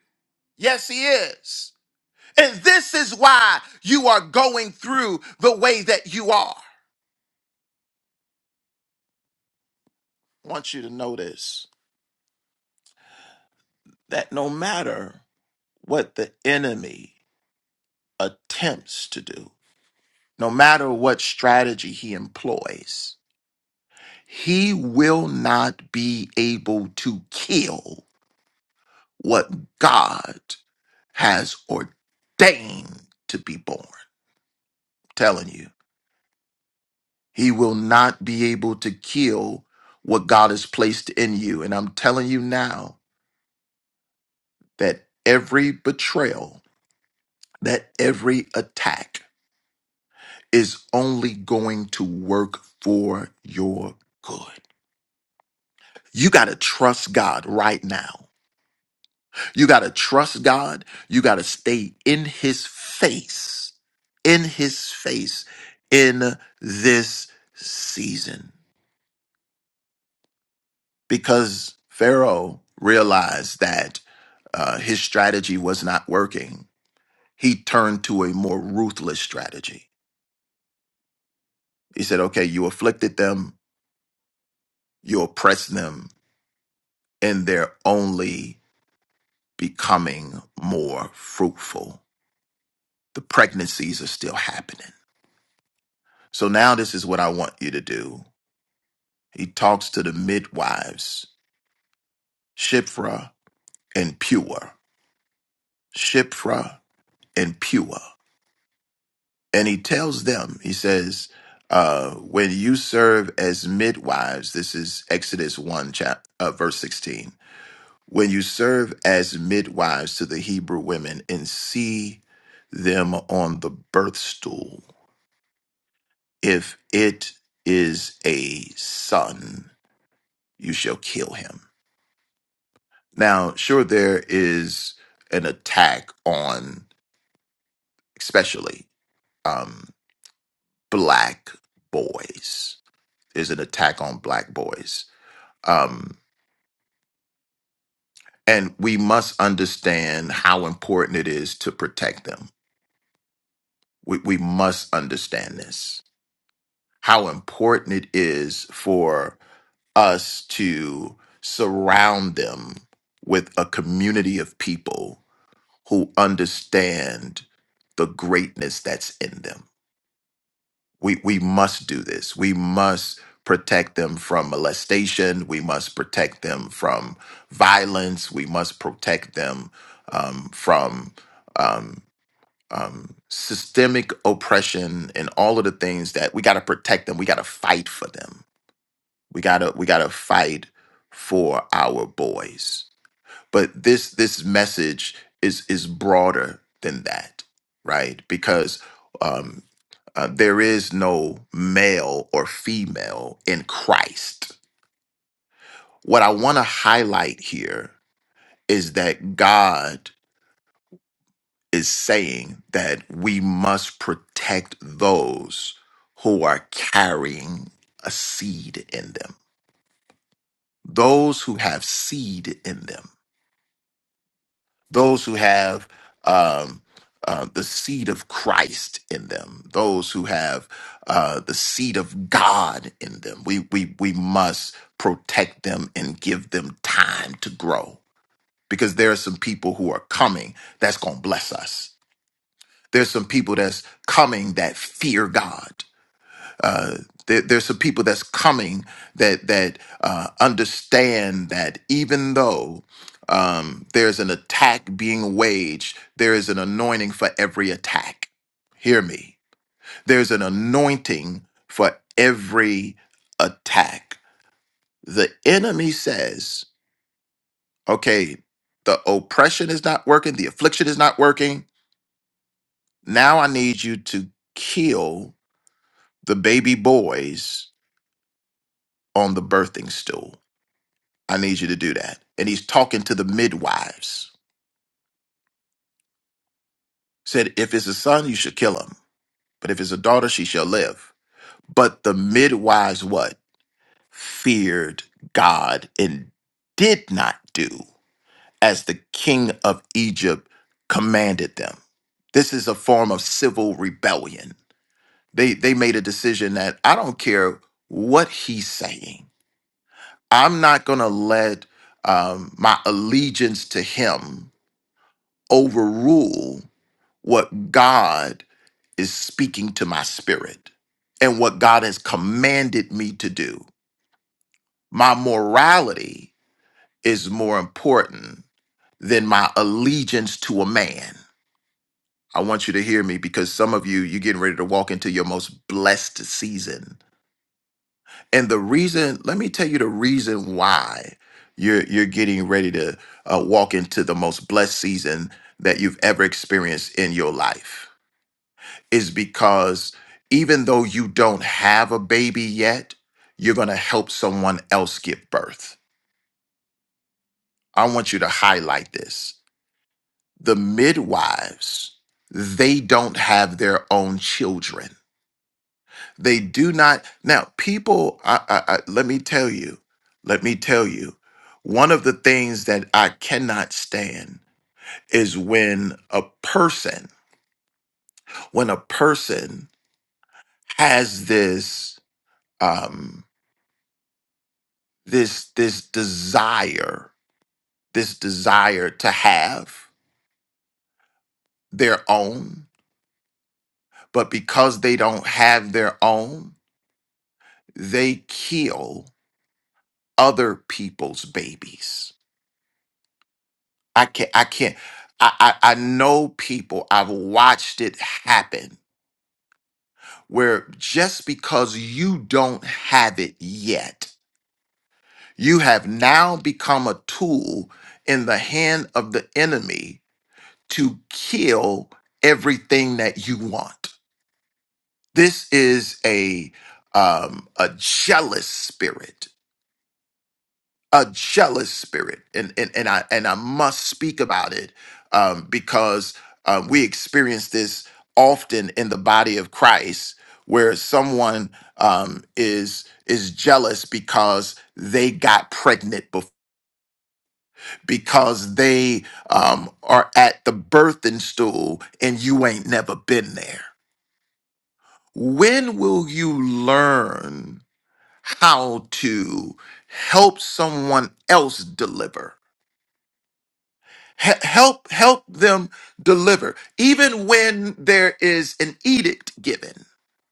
Yes, he is. And this is why you are going through the way that you are. I want you to notice that no matter what the enemy attempts to do, no matter what strategy he employs, he will not be able to kill what God has ordained to be born. I'm telling you, he will not be able to kill what God has placed in you. And I'm telling you now that every betrayal, that every attack is only going to work for your good. You got to trust God right now. You got to trust God. You got to stay in his face, in his face in this season. Because Pharaoh realized that uh, his strategy was not working. He turned to a more ruthless strategy. He said, okay, you afflicted them, you oppressed them, and they're only becoming more fruitful. The pregnancies are still happening So now this is what I want you to do. He talks to the midwives, Shiphrah and Pua, Shiphrah and Pua. And he tells them, he says, uh, when you serve as midwives, this is Exodus 1, chap- uh, verse 16. When you serve as midwives to the Hebrew women and see them on the birth stool, if it is a son, you shall kill him Now, sure, there is an attack on, especially um, black boys. Is an attack on black boys, um, and we must understand how important it is to protect them. We we must understand this. How important it is for us to surround them with a community of people who understand the greatness that's in them we we must do this. We must protect them from molestation. We must protect them from violence. We must protect them um, from um, um, systemic oppression and all of the things that we got to protect them. We got to fight for them. We gotta we gotta fight for our boys but this this message is is broader than that right because um uh, there is no male or female in christ what i want to highlight here is that god is saying that we must protect those who are carrying a seed in them those who have seed in them those who have um, uh, the seed of Christ in them, those who have uh, the seed of God in them. We we we must protect them and give them time to grow because there are some people who are coming that's going to bless us. There's some people that's coming that fear God. Uh, there, there's some people that's coming that that uh, understand that even though um, there's an attack being waged, there is an anointing for every attack. Hear me. There's an anointing for every attack. The enemy says, "Okay, the oppression is not working. The affliction is not working. Now I need you to kill the baby boys on the birthing stool." I need you to do that. And he's talking to the midwives. Said, if it's a son, you should kill him. But if it's a daughter, she shall live. But the midwives what? Feared God and did not do as the king of Egypt commanded them. This is a form of civil rebellion. They they made a decision that I don't care what he's saying. I'm not gonna let um, my allegiance to him overrule what God is speaking to my spirit and what God has commanded me to do. My morality is more important than my allegiance to a man. I want you to hear me because some of you, you're getting ready to walk into your most blessed season. And the reason, let me tell you the reason why you're, you're getting ready to uh, walk into the most blessed season that you've ever experienced in your life is because even though you don't have a baby yet, you're going to help someone else give birth. I want you to highlight this. The midwives, they don't have their own children. They do not. Now, people, I, I, I, let me tell you, let me tell you, one of the things that I cannot stand is when a person, when a person has this, um, this this desire this desire to have their own but because they don't have their own they kill other people's babies i can't i can't i i, I know people i've watched it happen where just because you don't have it yet you have now become a tool in the hand of the enemy to kill everything that you want This is a um, a jealous spirit, a jealous spirit, and and and I and I must speak about it um, because um, we experience this often in the body of Christ, where someone um, is is jealous because they got pregnant before, because they um, are at the birthing stool and you ain't never been there. When will you learn? how to help someone else deliver He- help help them deliver even when there is an edict given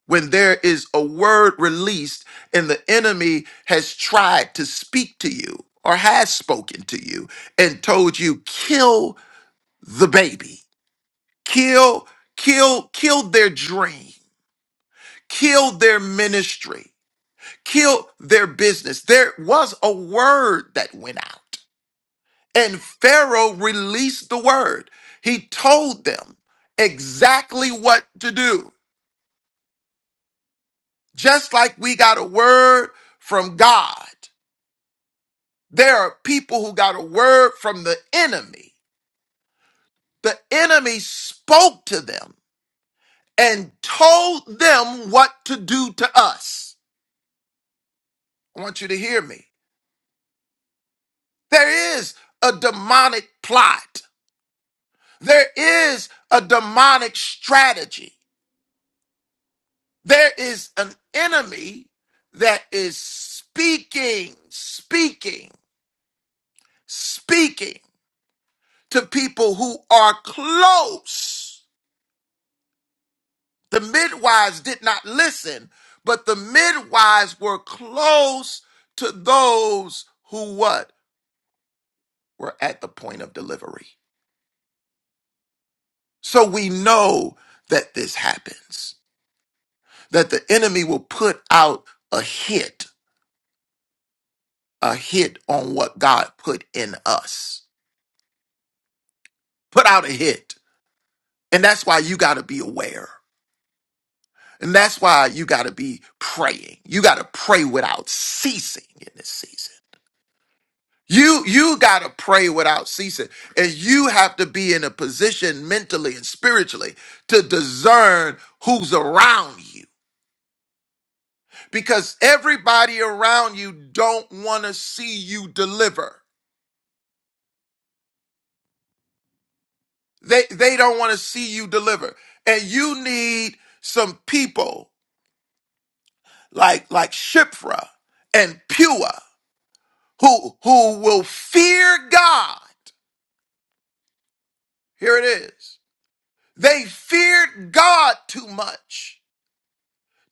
when there is a word released and the enemy has tried to speak to you or has spoken to you and told you kill the baby kill kill kill their dream kill their ministry kill their business there was a word that went out And Pharaoh released the word. He told them exactly what to do. Just like we got a word from God, there are people who got a word from the enemy. The enemy spoke to them and told them what to do to us. I want you to hear me. There is a demonic plot, there is a demonic strategy. There is an enemy that is speaking, speaking, speaking to people who are close. The midwives did not listen, but the midwives were close to those who what? Were at the point of delivery. So we know that this happens, that the enemy will put out a hit, a hit on what God put in us. Put out a hit And that's why you got to be aware. And that's why you got to be praying. You got to pray without ceasing in this season. You you got to pray without ceasing. And you have to be in a position mentally and spiritually to discern who's around you because everybody around you don't want to see you deliver. They they don't want to see you deliver. And you need some people like like Shipra and Pua who who will fear God. Here it is. They feared God too much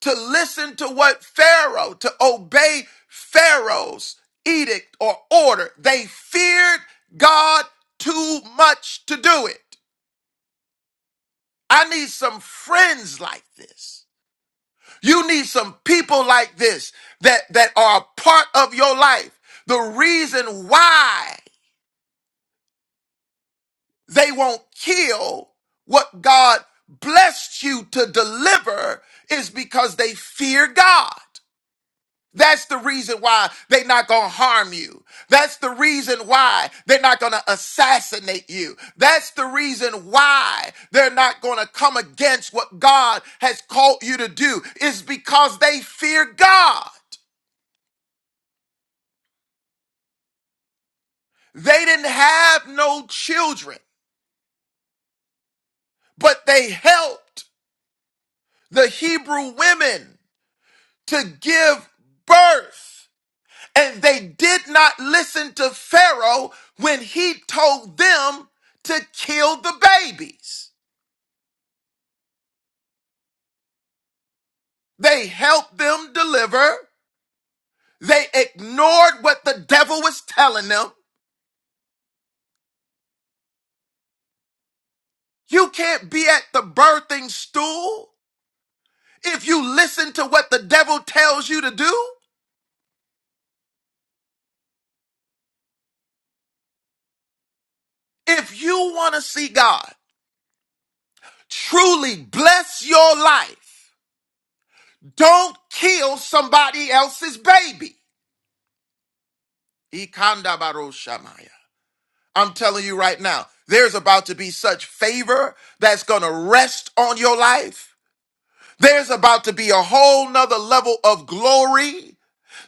to listen to what Pharaoh, to obey Pharaoh's edict or order. They feared God too much to do it. I need some friends like this. You need some people like this that, that are a part of your life. The reason why They won't kill what God blessed you to deliver is because they fear God. That's the reason why they're not going to harm you. That's the reason why they're not going to assassinate you. That's the reason why they're not going to come against what God has called you to do is because they fear God. They didn't have no children, but they helped the Hebrew women to give birth. And they did not listen to Pharaoh when he told them to kill the babies. They helped them deliver. They ignored what the devil was telling them. You can't be at the birthing stool if you listen to what the devil tells you to do. If you want to see God truly bless your life, don't kill somebody else's baby. Ikanda baro shamaya. I'm telling you right now, there's about to be such favor that's going to rest on your life. There's about to be a whole nother level of glory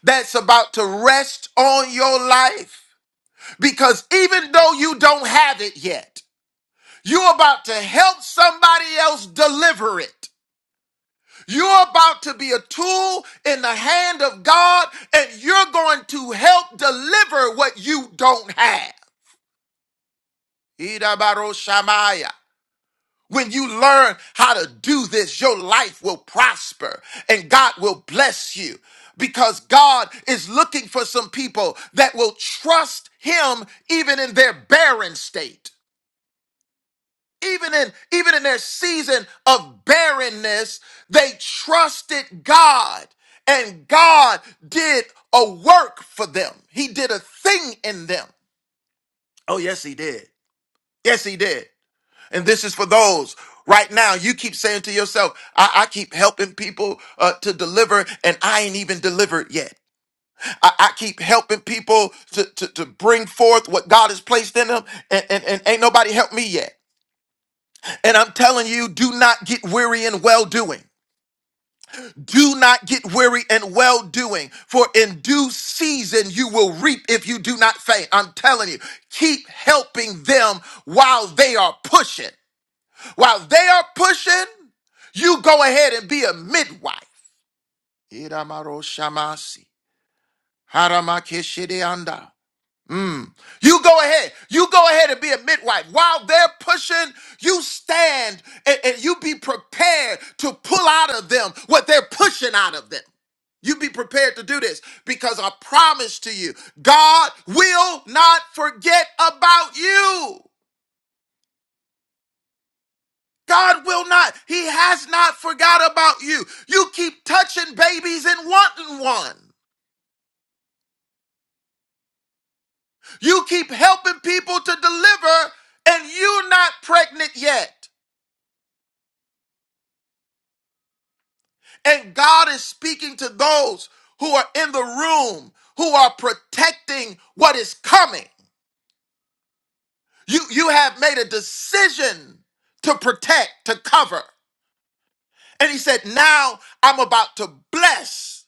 that's about to rest on your life. Because even though you don't have it yet, you're about to help somebody else deliver it. You're about to be a tool in the hand of God, and you're going to help deliver what you don't have. Idabaro Shamaya. When you learn how to do this, your life will prosper and God will bless you because God is looking for some people that will trust him even in their barren state. Even in even in their season of barrenness, they trusted God and God did a work for them. He did a thing in them. Oh yes, he did. Yes, he did. And this is for those right now. You keep saying to yourself, I, I keep helping people uh, to deliver, and I ain't even delivered yet. I, I keep helping people to, to, to bring forth what God has placed in them, and, and, and ain't nobody helped me yet. And I'm telling you, do not get weary in well doing. Do not get weary in well doing, for in due season you will reap if you do not faint. I'm telling you, keep helping them while they are pushing. While they are pushing, you go ahead and be a midwife. Iramaro shamasi. Haramakeshideanda. Mm. You go ahead. You go ahead and be a midwife. While they're pushing, you stand and, and you be prepared to pull out of them what they're pushing out of them. You be prepared to do this because I promise to you, God will not forget about you. God will not. He has not forgot about you. You keep touching babies and wanting one. You keep helping people to deliver and you're not pregnant yet. And God is speaking to those who are in the room who are protecting what is coming. You you have made a decision to protect, to cover. And he said, "Now I'm about to bless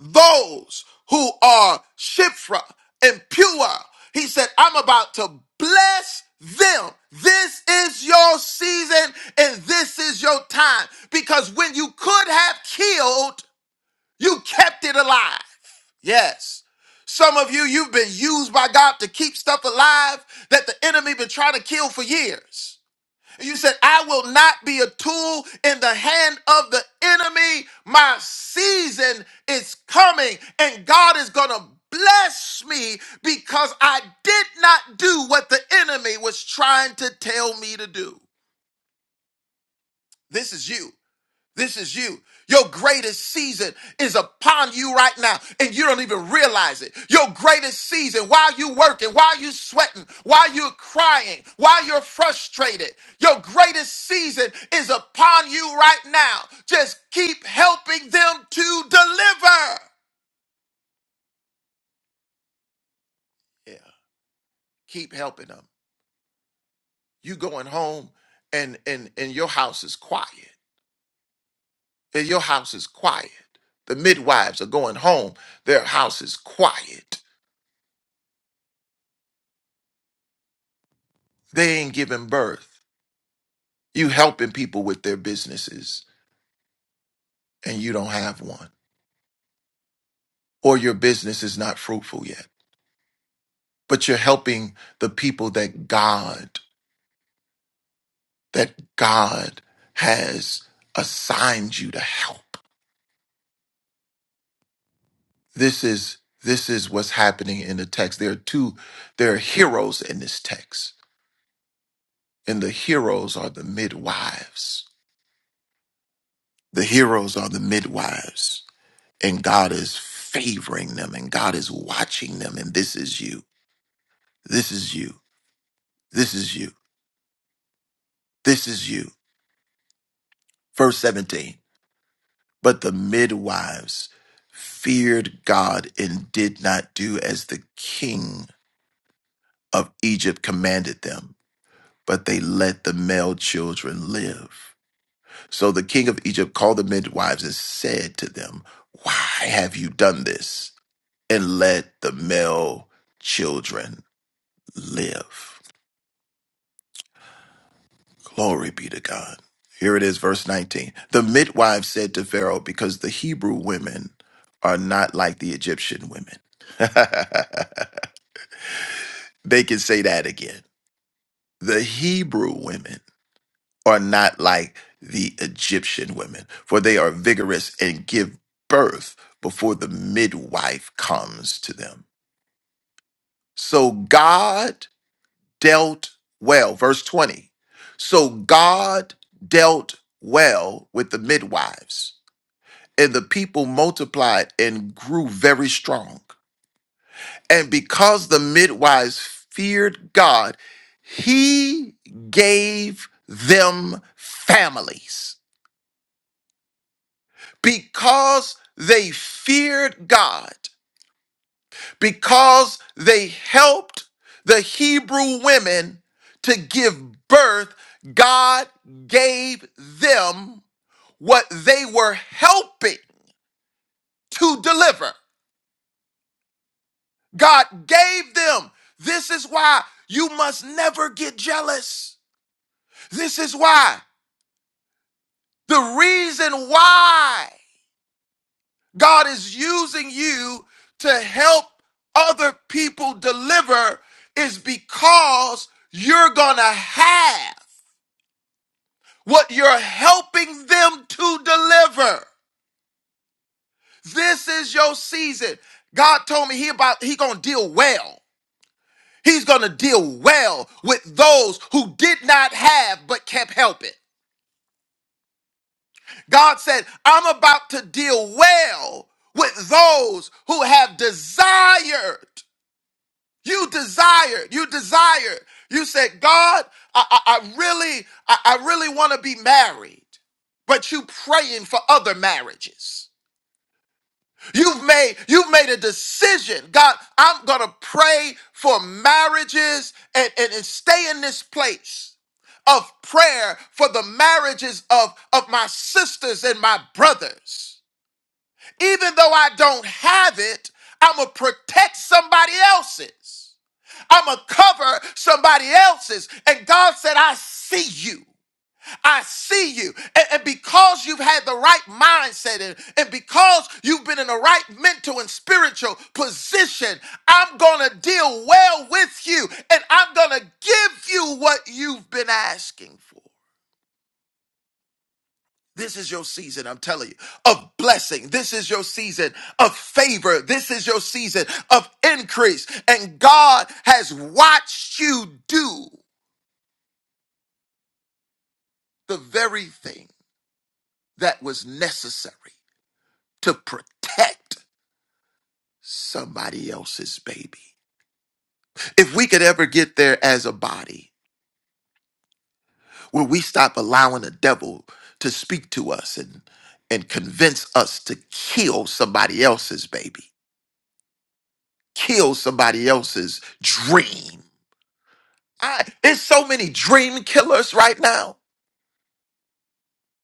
those who are shifra and pure. He said, I'm about to bless them. This is your season and this is your time. Because when you could have killed, you kept it alive. Yes. Some of you, you've been used by God to keep stuff alive that the enemy been trying to kill for years. You said, I will not be a tool in the hand of the enemy. My season is coming, and God is going to bless me because I did not do what the enemy was trying to tell me to do. This is you. This is you. Your greatest season is upon you right now, and you don't even realize it. Your greatest season, while you working, while you sweating, while you're crying, while you're frustrated, your greatest season is upon you right now. Just keep helping them to deliver. Yeah, keep helping them. You going home, and and and your house is quiet. And your house is quiet. The midwives are going home. Their house is quiet They ain't giving birth. You helping people with their businesses and you don't have one. Or your business is not fruitful yet. But you're helping the people that God, that God has assigned you to help. This is this is what's happening in the text. There are two, there are heroes in this text. And the heroes are the midwives. The heroes are the midwives. And God is favoring them and God is watching them. And this is you. This is you. This is you. This is you. Verse 17. But the midwives feared God and did not do as the king of Egypt commanded them, but they let the male children live. So the king of Egypt called the midwives and said to them, Why have you done this and let the male children live? Glory be to God. Here it is, verse 19. The midwives said to Pharaoh, because the Hebrew women are not like the Egyptian women. [laughs] they can say that again. The Hebrew women are not like the Egyptian women, for they are vigorous and give birth before the midwife comes to them. So God dealt well. Verse 20. So God dealt well with the midwives and the people multiplied and grew very strong. And because the midwives feared God, he gave them families. Because they feared God, because they helped the Hebrew women to give birth, God gave them what they were helping to deliver. God gave them. This is why you must never get jealous. This is why. The reason why God is using you to help other people deliver is because you're going to have what you're helping them to deliver. This is your season. God told me he about he going to deal well. He's going to deal well with those who did not have but kept helping. God said, I'm about to deal well with those who have desired. You desired, you desired. You said, God, I, I, I really, I, I really want to be married, but you praying for other marriages. You've made you've made a decision. God, I'm gonna pray for marriages and, and, and stay in this place of prayer for the marriages of, of my sisters and my brothers. Even though I don't have it, I'm gonna protect somebody else's. I'm gonna cover somebody else's. And God said, I see you. I see you. And, and because you've had the right mindset and, and because you've been in the right mental and spiritual position, I'm going to deal well with you and I'm going to give you what you've been asking for. This is your season, I'm telling you, of blessing. This is your season of favor. This is your season of increase. And God has watched you do the very thing that was necessary to protect somebody else's baby. If we could ever get there as a body where we stop allowing the devil to speak to us and and convince us to kill somebody else's baby, kill somebody else's dream. I, there's so many dream killers right now.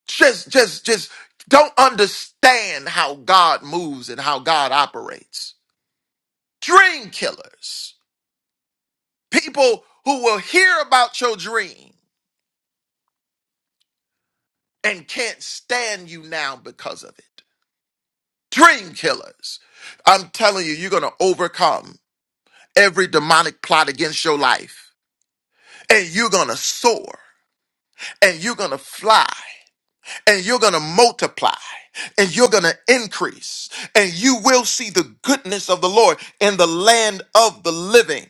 Just just just don't understand how God moves and how God operates. Dream killers. People who will hear about your dream and can't stand you now because of it. Dream killers. I'm telling you, you're going to overcome every demonic plot against your life, and you're going to soar, and you're going to fly, and you're going to multiply, and you're going to increase, and you will see the goodness of the Lord in the land of the living.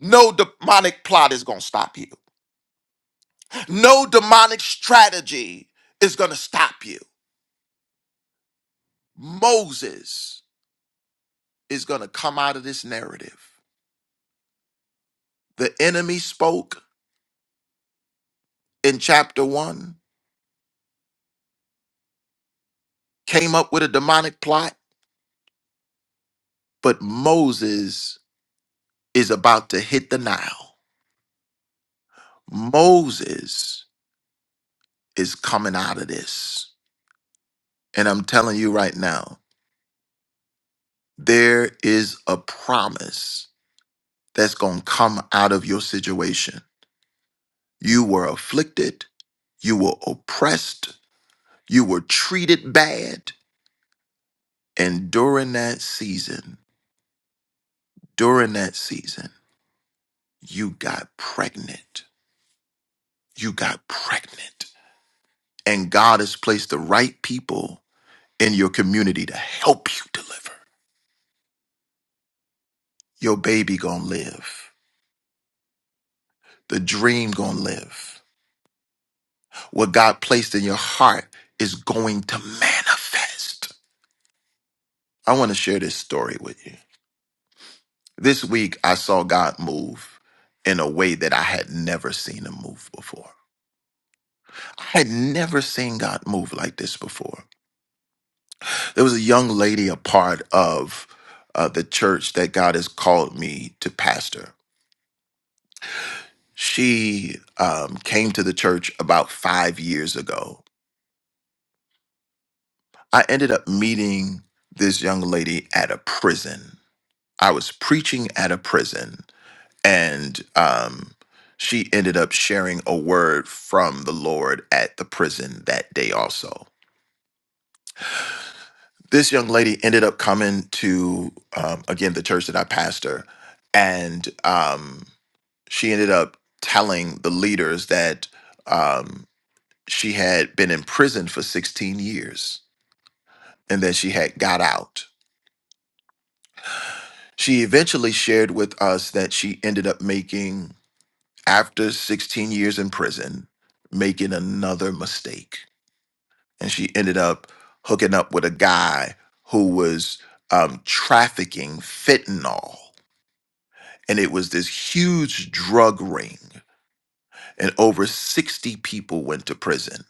No demonic plot is going to stop you. No demonic strategy is going to stop you. Moses. is going to come out of this narrative. The enemy spoke in chapter one, came up with a demonic plot, but Moses is about to hit the Nile. Moses is coming out of this. And I'm telling you right now, there is a promise that's going to come out of your situation. You were afflicted, you were oppressed, you were treated bad. And during that season, during that season, you got pregnant. You got pregnant. And God has placed the right people in your community to help you deliver. Your baby gonna live. The dream gonna live. What God placed in your heart is going to manifest. I want to share this story with you. This week I saw God move in a way that I had never seen him move before. I had never seen God move like this before. There was a young lady, a part of uh, the church that God has called me to pastor. She um, came to the church about five years ago. I ended up meeting this young lady at a prison. I was preaching at a prison, and um, she ended up sharing a word from the Lord at the prison that day, also. This young lady ended up coming to, um, again, the church that I pastor, and. Um, she ended up telling the leaders that um, she had been in prison for 16 years and that she had got out. She eventually shared with us that she ended up making, after 16 years in prison, making another mistake. And she ended up hooking up with a guy who was um, trafficking fentanyl. And it was this huge drug ring, and over 60 people went to prison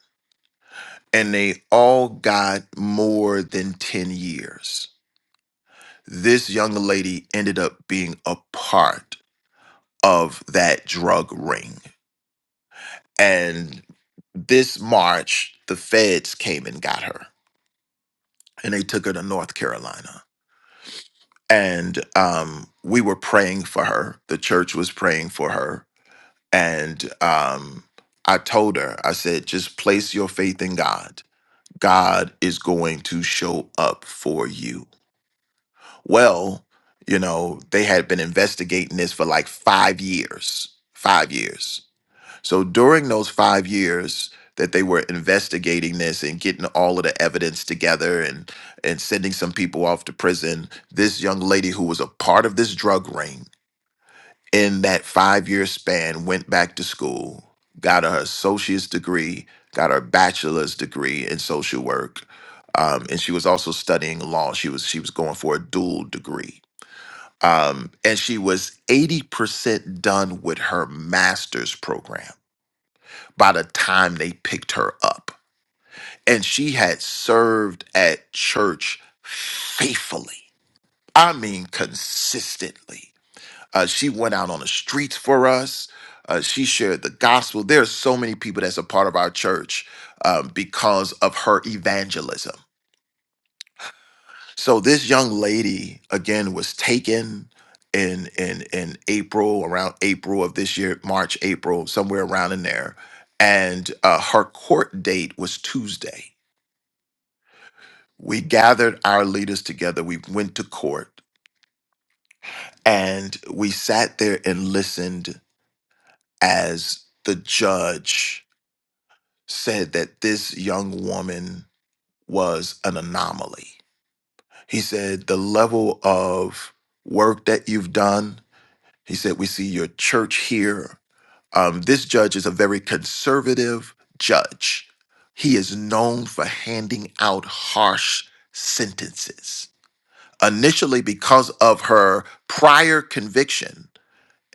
and they all got more than 10 years. This young lady ended up being a part of that drug ring. And this March, the feds came and got her and they took her to North Carolina. And um, we were praying for her, the church was praying for her. And um, I told her, I said, just place your faith in God. God is going to show up for you Well, you know, they had been investigating this for like five years. Five years. So during those five years that they were investigating this and getting all of the evidence together and and sending some people off to prison, this young lady who was a part of this drug ring in that five year span went back to school, got her associate's degree, got her bachelor's degree in social work. Um, and she was also studying law. She was she was going for a dual degree um, and she was 80% done with her master's program by the time they picked her up. And she had served at church faithfully. I mean, consistently. Uh, she went out on the streets for us. Uh, she shared the gospel. There are so many people that's a part of our church um, because of her evangelism So this young lady again was taken in in in April, around April of this year, March, April, somewhere around in there, and uh, her court date was Tuesday. We gathered our leaders together. We went to court and we sat there and listened as the judge said that this young woman was an anomaly. He said the level of work that you've done He said, We see your church here. Um, this judge is a very conservative judge. He is known for handing out harsh sentences. Initially, because of her prior conviction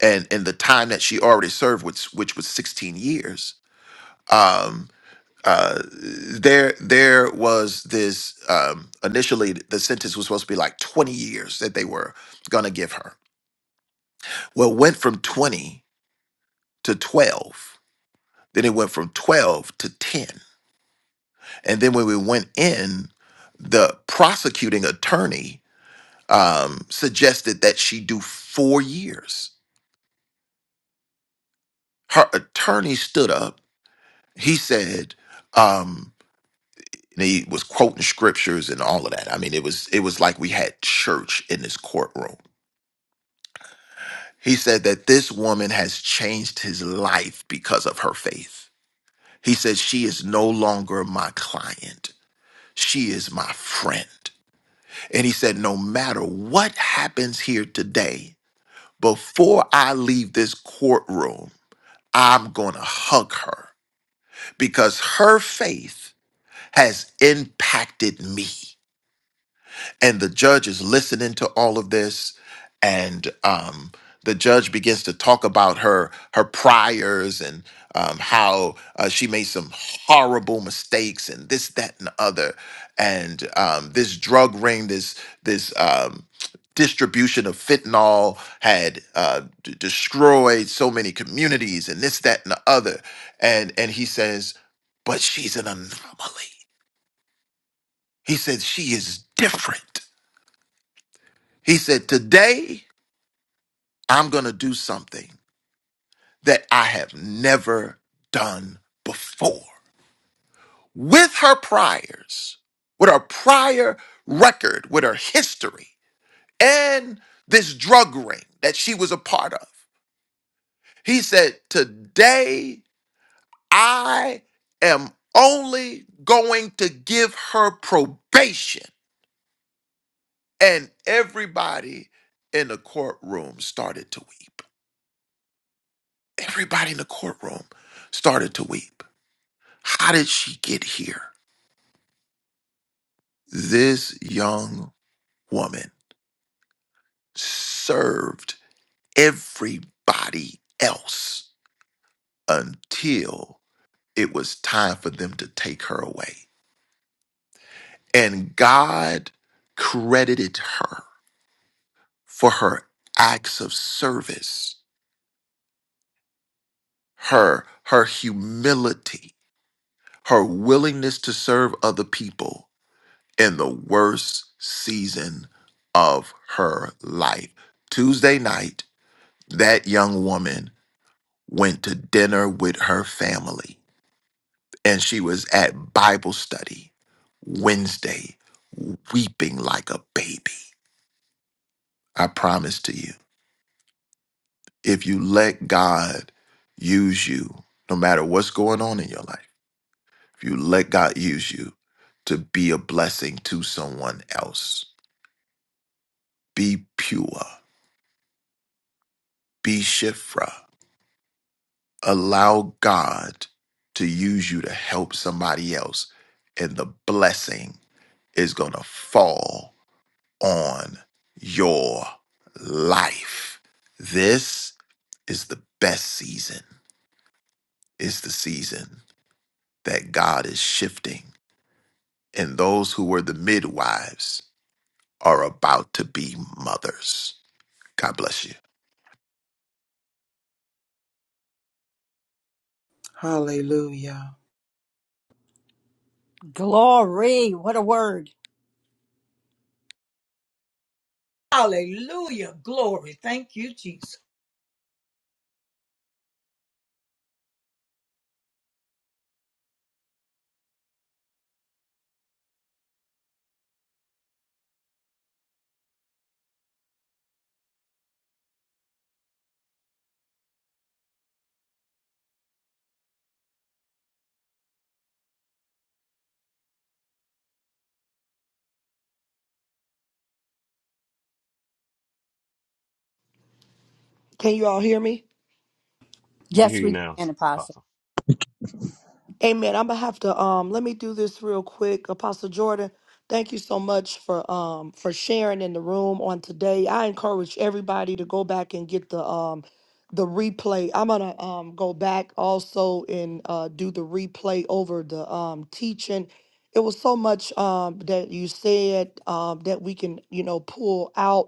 and, and the time that she already served, which, which was 16 years, um, uh, there there was this um, initially the sentence was supposed to be like 20 years that they were going to give her. Well, it went from 20 to 12 Then it went from 12 to 10. And then when we went in, the prosecuting attorney um, suggested that she do four years. Her attorney stood up. He said, um, and he was quoting scriptures and all of that. I mean, it was it was like we had church in this courtroom. He said that this woman has changed his life because of her faith. He said she is no longer my client. She is my friend. And he said, No matter what happens here today, before I leave this courtroom, I'm going to hug her because her faith has impacted me and the judge is listening to all of this and um, the judge begins to talk about her her priors and um, how uh, she made some horrible mistakes and this that and the other and um, this drug ring this this um, distribution of fentanyl had uh, d- destroyed so many communities and this that and the other and and he says but she's an anomaly he says she is different he said, Today I'm going to do something that I have never done before. With her priors, with her prior record, with her history, and this drug ring that she was a part of, he said, Today I am only going to give her probation. And everybody in the courtroom started to weep. Everybody in the courtroom started to weep. How did she get here? This young woman served everybody else until it was time for them to take her away. And God credited her for her acts of service, her her humility, her willingness to serve other people in the worst season of her life. Tuesday night, that young woman went to dinner with her family and she was at Bible study Wednesday, weeping like a baby. I promise to you, if you let God use you, no matter what's going on in your life, if you let God use you to be a blessing to someone else, be pure, be shifra allow God to use you to help somebody else, and the blessing is going to fall on your life. This is the best season, it's the season that God is shifting, and those who were the midwives are about to be mothers. God bless you. Hallelujah. Glory. What a word. Hallelujah. Glory. Thank you, Jesus. Can you all hear me? We can hear Yes, you we now, can, Apostle. Apostle. Amen. I'm gonna have to um let me do this real quick. Apostle Jordan, thank you so much for um for sharing in the room on today. I encourage everybody to go back and get the um the replay. I'm gonna um go back also and uh do the replay over the um teaching. It was so much um that you said um that we can, you know, pull out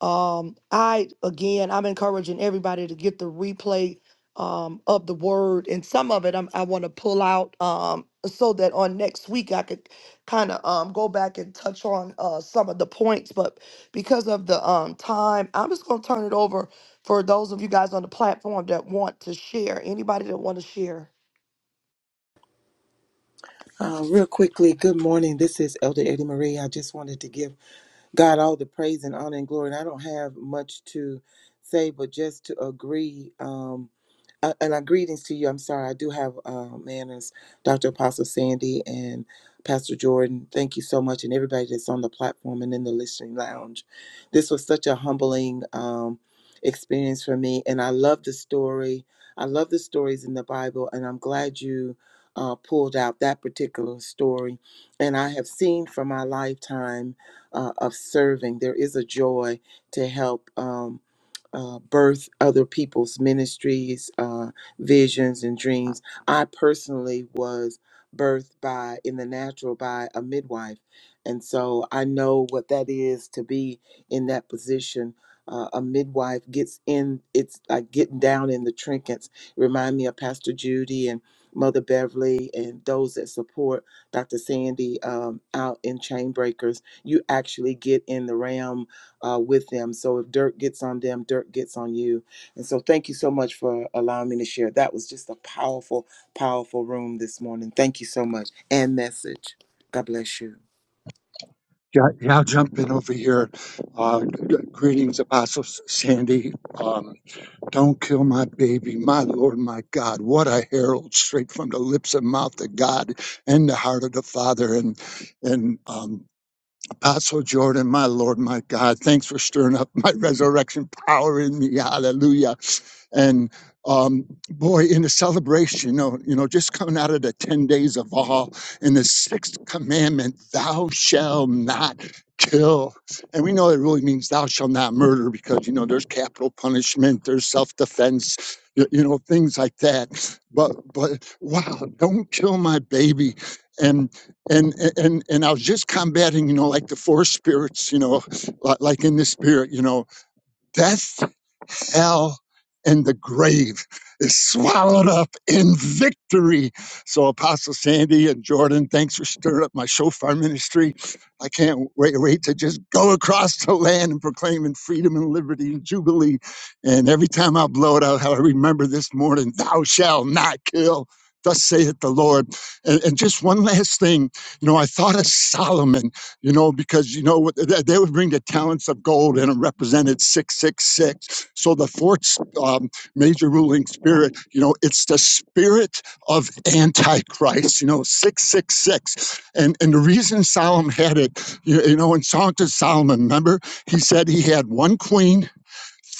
um, I again, I'm encouraging everybody to get the replay um, of the word, and some of it I'm, I want to pull out um, so that on next week I could kind of um, go back and touch on uh, some of the points. But because of the um, time, I'm just going to turn it over for those of you guys on the platform that want to share. Anybody that want to share. Uh, real quickly, good morning. This is Elder Eddie Marie. I just wanted to give God all the praise and honor and glory. And I don't have much to say, but just to agree. Um, Uh, and our greetings to you. I'm sorry, I do have uh, manners, Dr. Apostle Sandy and Pastor Jordan. Thank you so much, and everybody that's on the platform and in the listening lounge. This was such a humbling um, experience for me, and I love the story. I love the stories in the Bible, and I'm glad you uh, pulled out that particular story. And I have seen from my lifetime uh, of serving, there is a joy to help. Um, uh, birth other people's ministries, uh, visions, and dreams. I personally was birthed by, in the natural, by a midwife. And so I know what that is to be in that position. Uh, a midwife gets in, it's like getting down in the trinkets. Remind me of Pastor Judy and Mother Beverly and those that support Dr. Sandy um, out in Chainbreakers. You actually get in the realm uh, with them. So if dirt gets on them, dirt gets on you. And so thank you so much for allowing me to share. That was just a powerful, powerful room this morning. Thank you so much and message. God bless you. yeah, I'll jump in over here. Uh, g- greetings, Apostle S- Sandy. Um, don't kill my baby, my Lord, my God. What a herald straight from the lips and mouth of God and the heart of the Father. And and um, Apostle Jordan, my Lord, my God. Thanks for stirring up my [laughs] resurrection power in me. Hallelujah. And um, boy, in the celebration, you know, you know, just coming out of the ten days of all, in the sixth commandment, "Thou shalt not kill," and we know it really means "Thou shalt not murder" because you know there's capital punishment, there's self-defense, you, you know, things like that. But but wow, don't kill my baby, and and and and I was just combating, you know, like the four spirits, you know, li- like in the spirit, you know Death, hell, and the grave is swallowed up in victory. So, Apostle Sandy and Jordan, thanks for stirring up my shofar ministry. I can't wait, wait to just go across the land and proclaiming freedom and liberty and jubilee. And every time I blow it out, how I remember this morning, thou shalt not kill. Thus saith the Lord. And, and just one last thing. You know, I thought of Solomon you know, because you know they would bring the talents of gold and it represented 666. So the fourth um, major ruling spirit, you know, it's the spirit of Antichrist, you know, 666. And and the reason Solomon had it, you, you know, in Song to Solomon, remember, he said he had one queen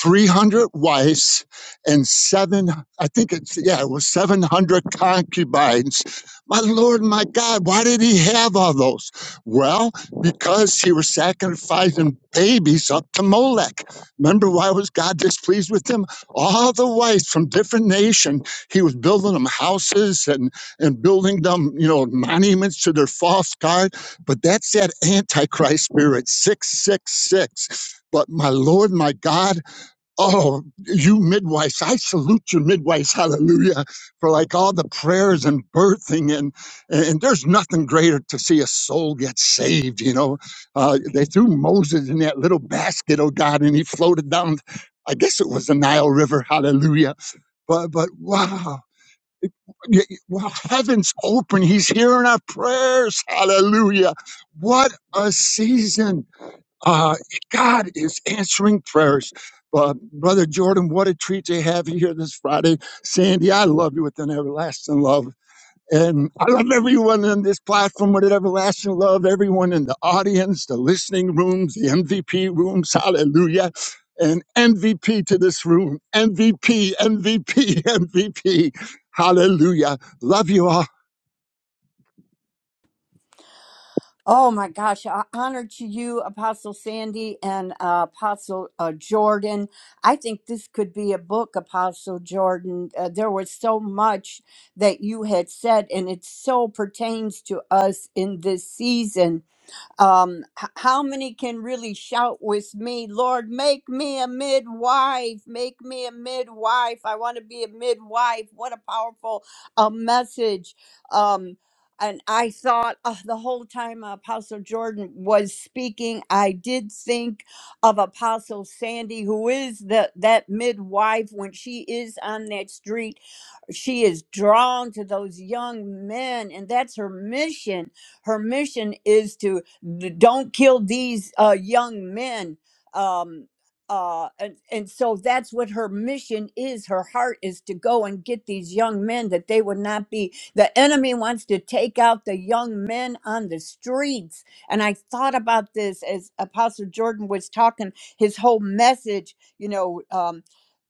300 wives and seven, I think it's, yeah, it was 700 concubines. My Lord, my God, why did he have all those? Well, because he was sacrificing babies up to Molech. Remember why was God displeased with him? All the wives from different nations. he was building them houses and, and building them, you know, monuments to their false God. But that's that Antichrist spirit, 666. But my Lord, my God, Oh, you midwives, I salute you midwives, hallelujah, for like all the prayers and birthing and and there's nothing greater to see a soul get saved, you know. Uh, they threw Moses in that little basket, oh God, and he floated down, I guess it was the Nile River, hallelujah. But but wow. y- y- Wow, heaven's open. He's hearing our prayers. Hallelujah. What a season. Uh, God is answering prayers. Uh, Brother Jordan, what a treat to have you here this Friday. Sandy, I love you with an everlasting love. And I love everyone on this platform with an everlasting love, everyone in the audience, the listening rooms, the MVP rooms. Hallelujah. And MVP to this room. MVP, MVP, MVP. [laughs] Hallelujah. Love you all. Oh my gosh, I honor to you, Apostle Sandy and uh, Apostle uh, Jordan. I think this could be a book, Apostle Jordan. Uh, there was so much that you had said, and it so pertains to us in this season um h- how many can really shout with me lord make me a midwife make me a midwife i want to be a midwife what a powerful uh, message um and i thought uh, the whole time apostle jordan was speaking i did think of apostle sandy who is the that midwife when she is on that street she is drawn to those young men and that's her mission her mission is to D- don't kill these uh, young men. Um, uh, and, and so that's what her mission is. Her heart is to go and get these young men that they would not be. The enemy wants to take out the young men on the streets. And I thought about this as Apostle Jordan was talking, his whole message, you know. um,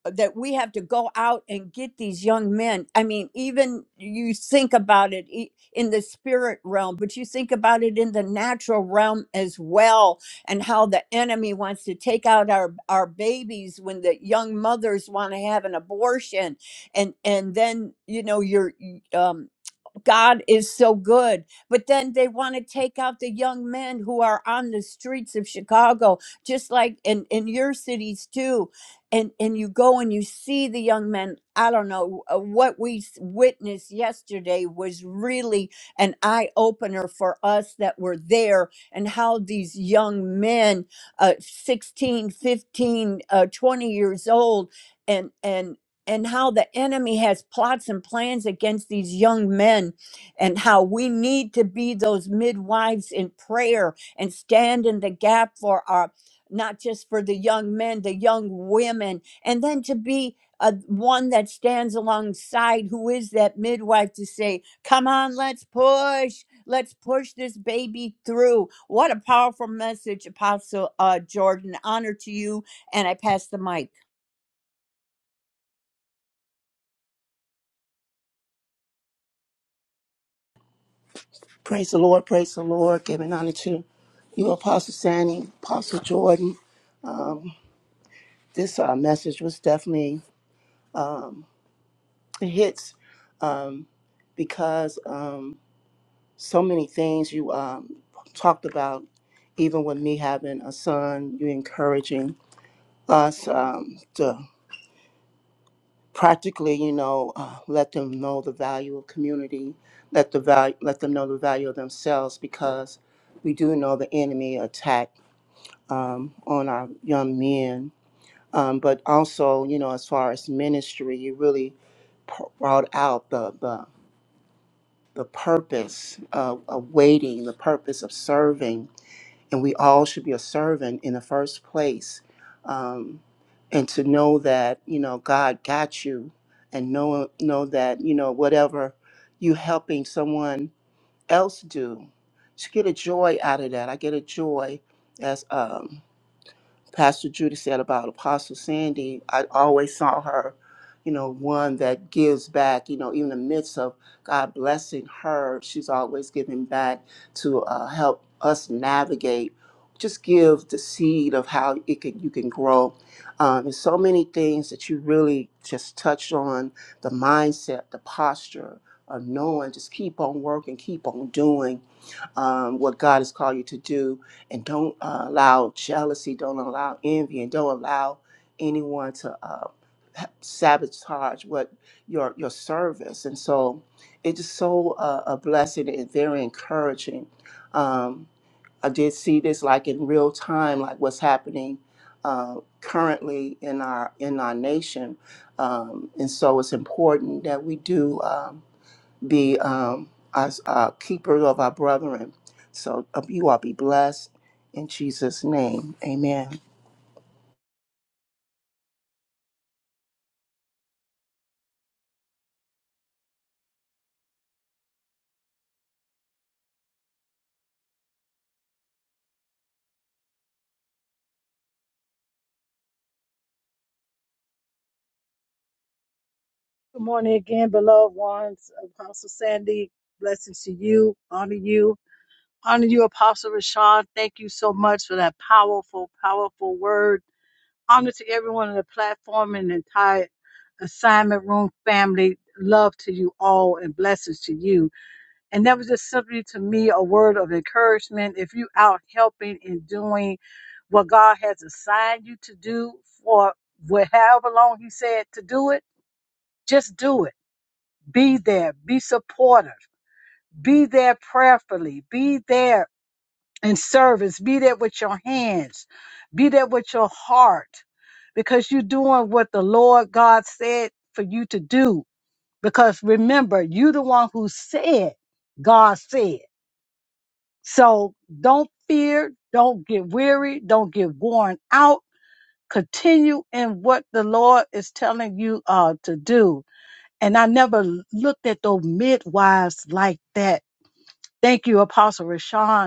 that we have to go out and get these young men. I mean, even you think about it e- in the spirit realm, but you think about it in the natural realm as well, and how the enemy wants to take out our our babies when the young mothers want to have an abortion, and and then you know you're God is so good. But then they want to take out the young men who are on the streets of Chicago, just like in, in your cities too. And and you go and you see the young men. I don't know uh, what we s- witnessed yesterday was really an eye opener for us that were there and how these young men, uh, sixteen, fifteen, 15, uh, 20 years old, and and and how the enemy has plots and plans against these young men and how we need to be those midwives in prayer and stand in the gap for our not just for the young men the young women and then to be a, one that stands alongside who is that midwife to say come on let's push let's push this baby through what a powerful message apostle uh, jordan honor to you and i pass the mic Praise the Lord, praise the Lord, giving honor to you, Apostle Sandy, Apostle Jordan. This uh, message was definitely it hits because um, so many things you um, talked about, even with me having a son, you encouraging us um, to practically, you know, uh, let them know the value of community, let the value, let them know the value of themselves because we do know the enemy attack um, on our young men um, but also you know as far as ministry you really p- brought out the the, the purpose of, of waiting the purpose of serving and we all should be a servant in the first place um, and to know that you know god got you and know know that you know whatever you helping someone else do just get a joy out of that i get a joy as um, Pastor Judy said about Apostle Sandy, I always saw her, you know, one that gives back, you know, even in the midst of God blessing her, she's always giving back to uh, help us navigate. Just give the seed of how it can you can grow. Um, there's so many things that you really just touched on the mindset, the posture of knowing, just keep on working, keep on doing um, what God has called you to do and don't uh, allow jealousy, don't allow envy, and don't allow anyone to uh, ha- sabotage what your your service. And so, it's just so uh, a blessing and very encouraging. Um, I did see this like in real time, like what's happening uh, currently in our in our nation, um, and so it's important that we do. Um, be um, as uh, keepers of our brethren. So uh, you all be blessed in Jesus' name. Amen. Good morning again, beloved ones. Apostle Sandy, blessings to you, honor you. Honor you, Apostle Rashawn. Thank you so much for that powerful, powerful word. Honor to everyone on the platform and the entire assignment room family. Love to you all and blessings to you. And that was just simply to me a word of encouragement. If you out helping and doing what God has assigned you to do for wh- however long He said to do it, just do it. Be there. Be supportive. Be there prayerfully. Be there and service. Be that with your hands, be that with your heart, because you're doing what the Lord God said for you to do. Because remember, you're the one who said, God said. So don't fear, don't get weary, don't get worn out. Continue in what the Lord is telling you uh, to do. And I never looked at those midwives like that. Thank you, Apostle Rashawn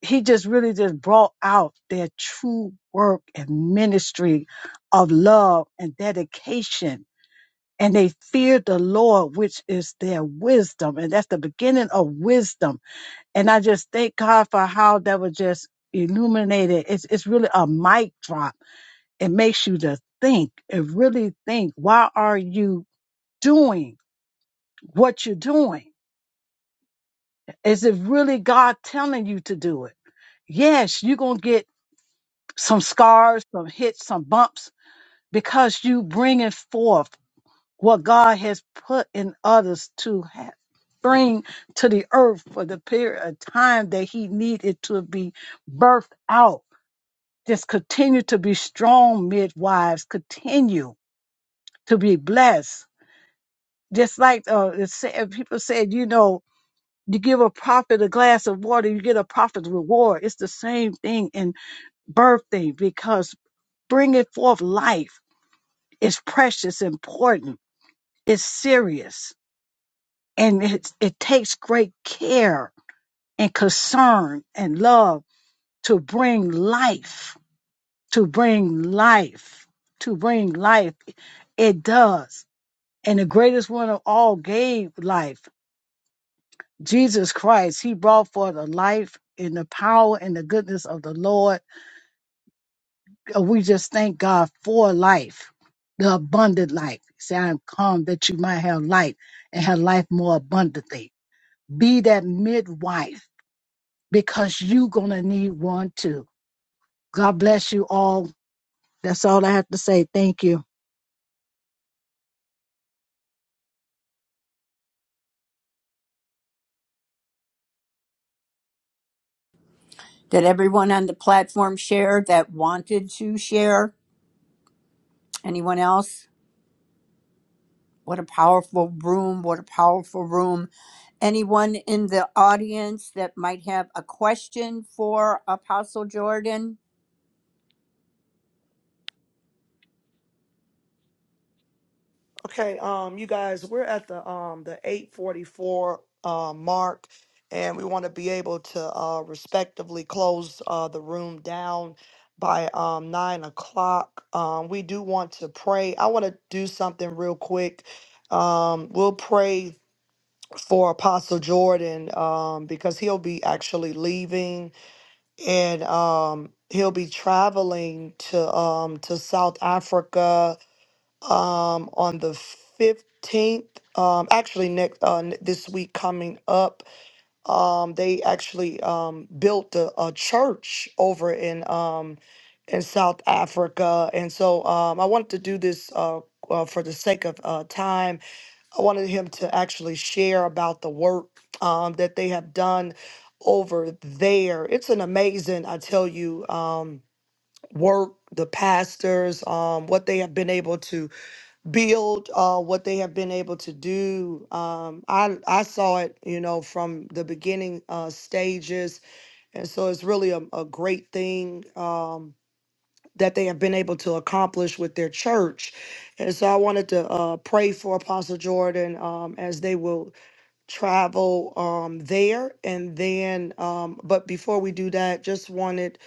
he just really just brought out their true work and ministry of love and dedication. And they feared the Lord, which is their wisdom. And that's the beginning of wisdom. And I just thank God for how that was just illuminated. It's, it's really a mic drop. It makes you to think and really think, why are you doing what you're doing? Is it really God telling you to do it? Yes, you're going to get some scars, some hits, some bumps, because you bringing forth what God has put in others to have. Bring to the earth for the period of time that he needed to be birthed out. Just continue to be strong, midwives. Continue to be blessed. Just like uh, it said, people said, you know, you give a prophet a glass of water, you get a prophet's reward. It's the same thing in birthing because bringing forth life It's precious, important, it's serious, and it, it takes great care and concern and love to bring life, to bring life, to bring life. It does. And the greatest one of all gave life. Jesus Christ, he brought forth a life in the power and the goodness of the Lord And we just thank God for life, the abundant life. Say, I am come that you might have life and have life more abundantly. Be that midwife because you're going to need one too. God bless you all. That's all I have to say. Thank you. did everyone on the platform share that wanted to share anyone else What a powerful room. What a powerful room. Anyone in the audience that might have a question for Apostle Jordan? Okay, um, you guys, we're at the um the 844 uh, mark, and we want to be able to uh, respectively close uh, the room down by um nine o'clock. Um, we do want to pray. I want to do something real quick. Um, we'll pray for Apostle Jordan um, because he'll be actually leaving and um, he'll be traveling to um, to South Africa um, on the 15th, um, actually next uh, n- this week coming up, um, they actually um, built a, a church over in um, in South Africa, and so um, I wanted to do this uh, uh, for the sake of uh, time. I wanted him to actually share about the work um, that they have done over there. It's an amazing, I tell you, um, work. The pastors, um, what they have been able to build uh, what they have been able to do. Um, I I saw it, you know, from the beginning uh, stages, and so it's really a, a great thing um, that they have been able to accomplish with their church. And so I wanted to uh, pray for Apostle Jordan um, as they will travel um, there, and then. Um, but before we do that, just wanted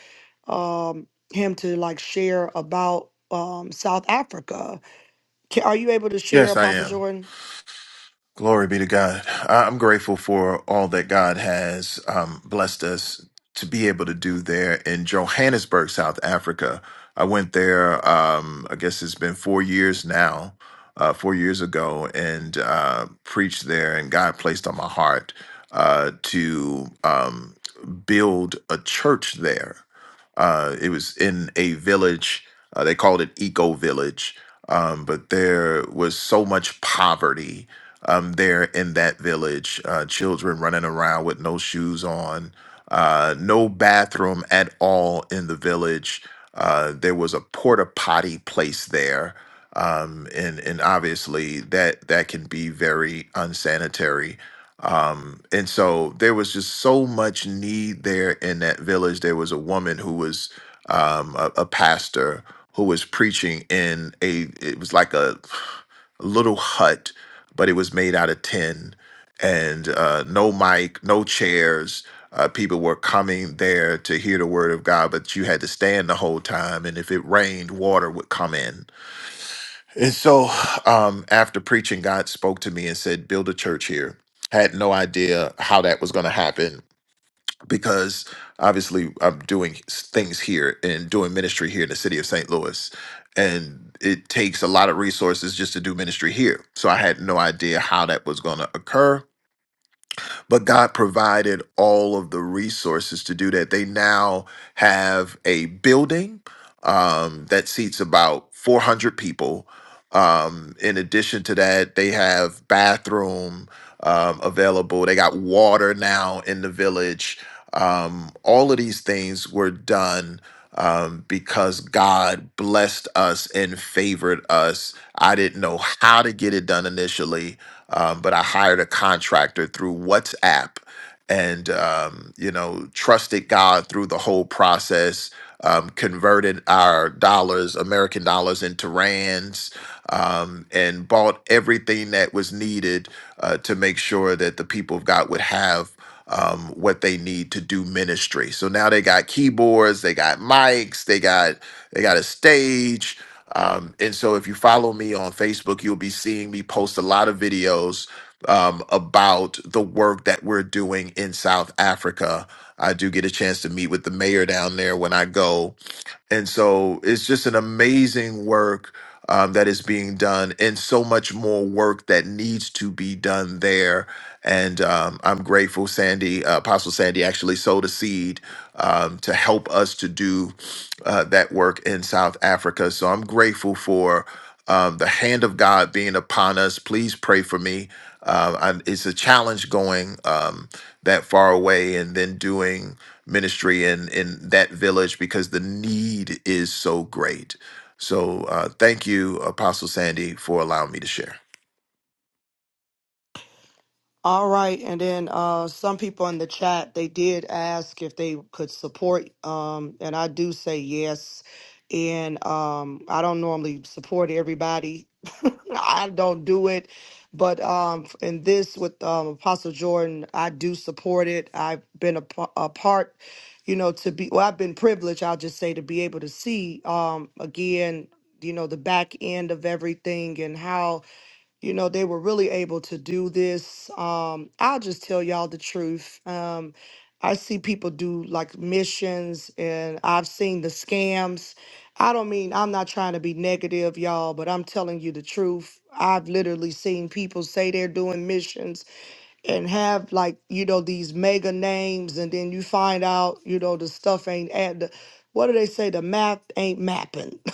um, him to like share about um, South Africa can, are you able to share, Yes, I Apostle am. Jordan? Glory be to God. I- I'm grateful for all that God has um, blessed us to be able to do there in Johannesburg, South Africa. I went there, um, I guess it's been four years now, uh, four years ago, and uh, preached there. And God placed on my heart uh, to um, build a church there. Uh, it was in a village. Uh, they called it Eco Village, um, but there was so much poverty um, there in that village. Uh, children running around with no shoes on, uh, no bathroom at all in the village. Uh, there was a porta potty place there, um, and and obviously that that can be very unsanitary um, and so there was just so much need there in that village. There was a woman who was um, a, a pastor who was preaching in a, it was like a, a little hut, but it was made out of tin and uh, no mic, no chairs. Uh, people were coming there to hear the word of God, but you had to stand the whole time. And if it rained, water would come in and so, um, after preaching, God spoke to me and said, "Build a church here." Had no idea how that was going to happen because obviously I'm doing s- things here and doing ministry here in the city of St. Louis, and it takes a lot of resources just to do ministry here. So I had no idea how that was going to occur but God provided all of the resources to do that. They now have a building um, that seats about 400 people. Um, in addition to that, they have bathroom um, available. They got water now in the village. Um, all of these things were done um, because God blessed us and favored us. I didn't know how to get it done initially, um, but I hired a contractor through WhatsApp and, um, you know, trusted God through the whole process, um, converted our dollars, American dollars, into rands, um, and bought everything that was needed uh, to make sure that the people of God would have. Um, what they need to do ministry. So now they got keyboards, they got mics, they got they got a stage, um, and so if you follow me on Facebook, you'll be seeing me post a lot of videos um, about the work that we're doing in South Africa. I do get a chance to meet with the mayor down there when I go and so it's just an amazing work um, that is being done, and so much more work that needs to be done there. And um, I'm grateful, Sandy, uh, Apostle Sandy actually sowed a seed um, to help us to do uh, that work in South Africa. So I'm grateful for um, the hand of God being upon us. Please pray for me. Uh, I, it's a challenge going um, that far away and then doing ministry in in that village because the need is so great. So uh, thank you, Apostle Sandy, for allowing me to share. All right, and then uh, some people in the chat they did ask if they could support, um, and I do say yes. And um, I don't normally support everybody. [laughs] I don't do it, but um, in this with um, Apostle Jordan, I do support it. I've been a, pa- a part, you know, to be. Well, I've been privileged. I'll just say to be able to see um, again, you know, the back end of everything and how you know they were really able to do this um i'll just tell y'all the truth um i see people do like missions and i've seen the scams i don't mean i'm not trying to be negative y'all but i'm telling you the truth i've literally seen people say they're doing missions and have like you know these mega names and then you find out you know the stuff ain't add the, what do they say the math ain't mapping [laughs]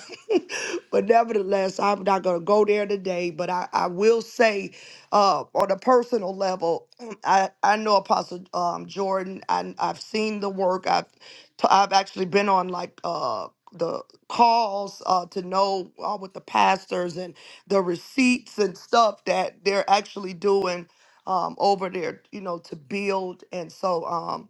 but nevertheless, I'm not going to go there today. But I, I will say, uh, on a personal level, [clears throat] I, I know Apostle um, Jordan. I, I've seen the work. I've t- I've actually been on like uh, the calls uh, to know uh, with the pastors and the receipts and stuff that they're actually doing um, over there, you know, to build. And so, um,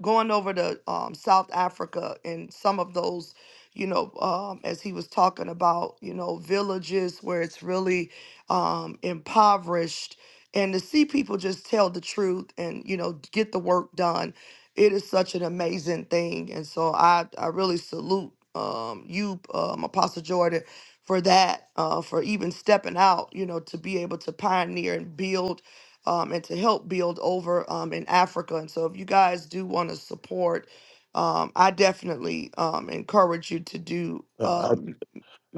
going over to um, South Africa and some of those, you know, um, as he was talking about, you know, villages where it's really um, impoverished, and to see people just tell the truth and you know get the work done, it is such an amazing thing. And so I I really salute um, you, um, Apostle Jordan, for that, uh, for even stepping out, you know, to be able to pioneer and build um, and to help build over um, in Africa. And so, if you guys do want to support, um, I definitely um, encourage you to do Uh, um,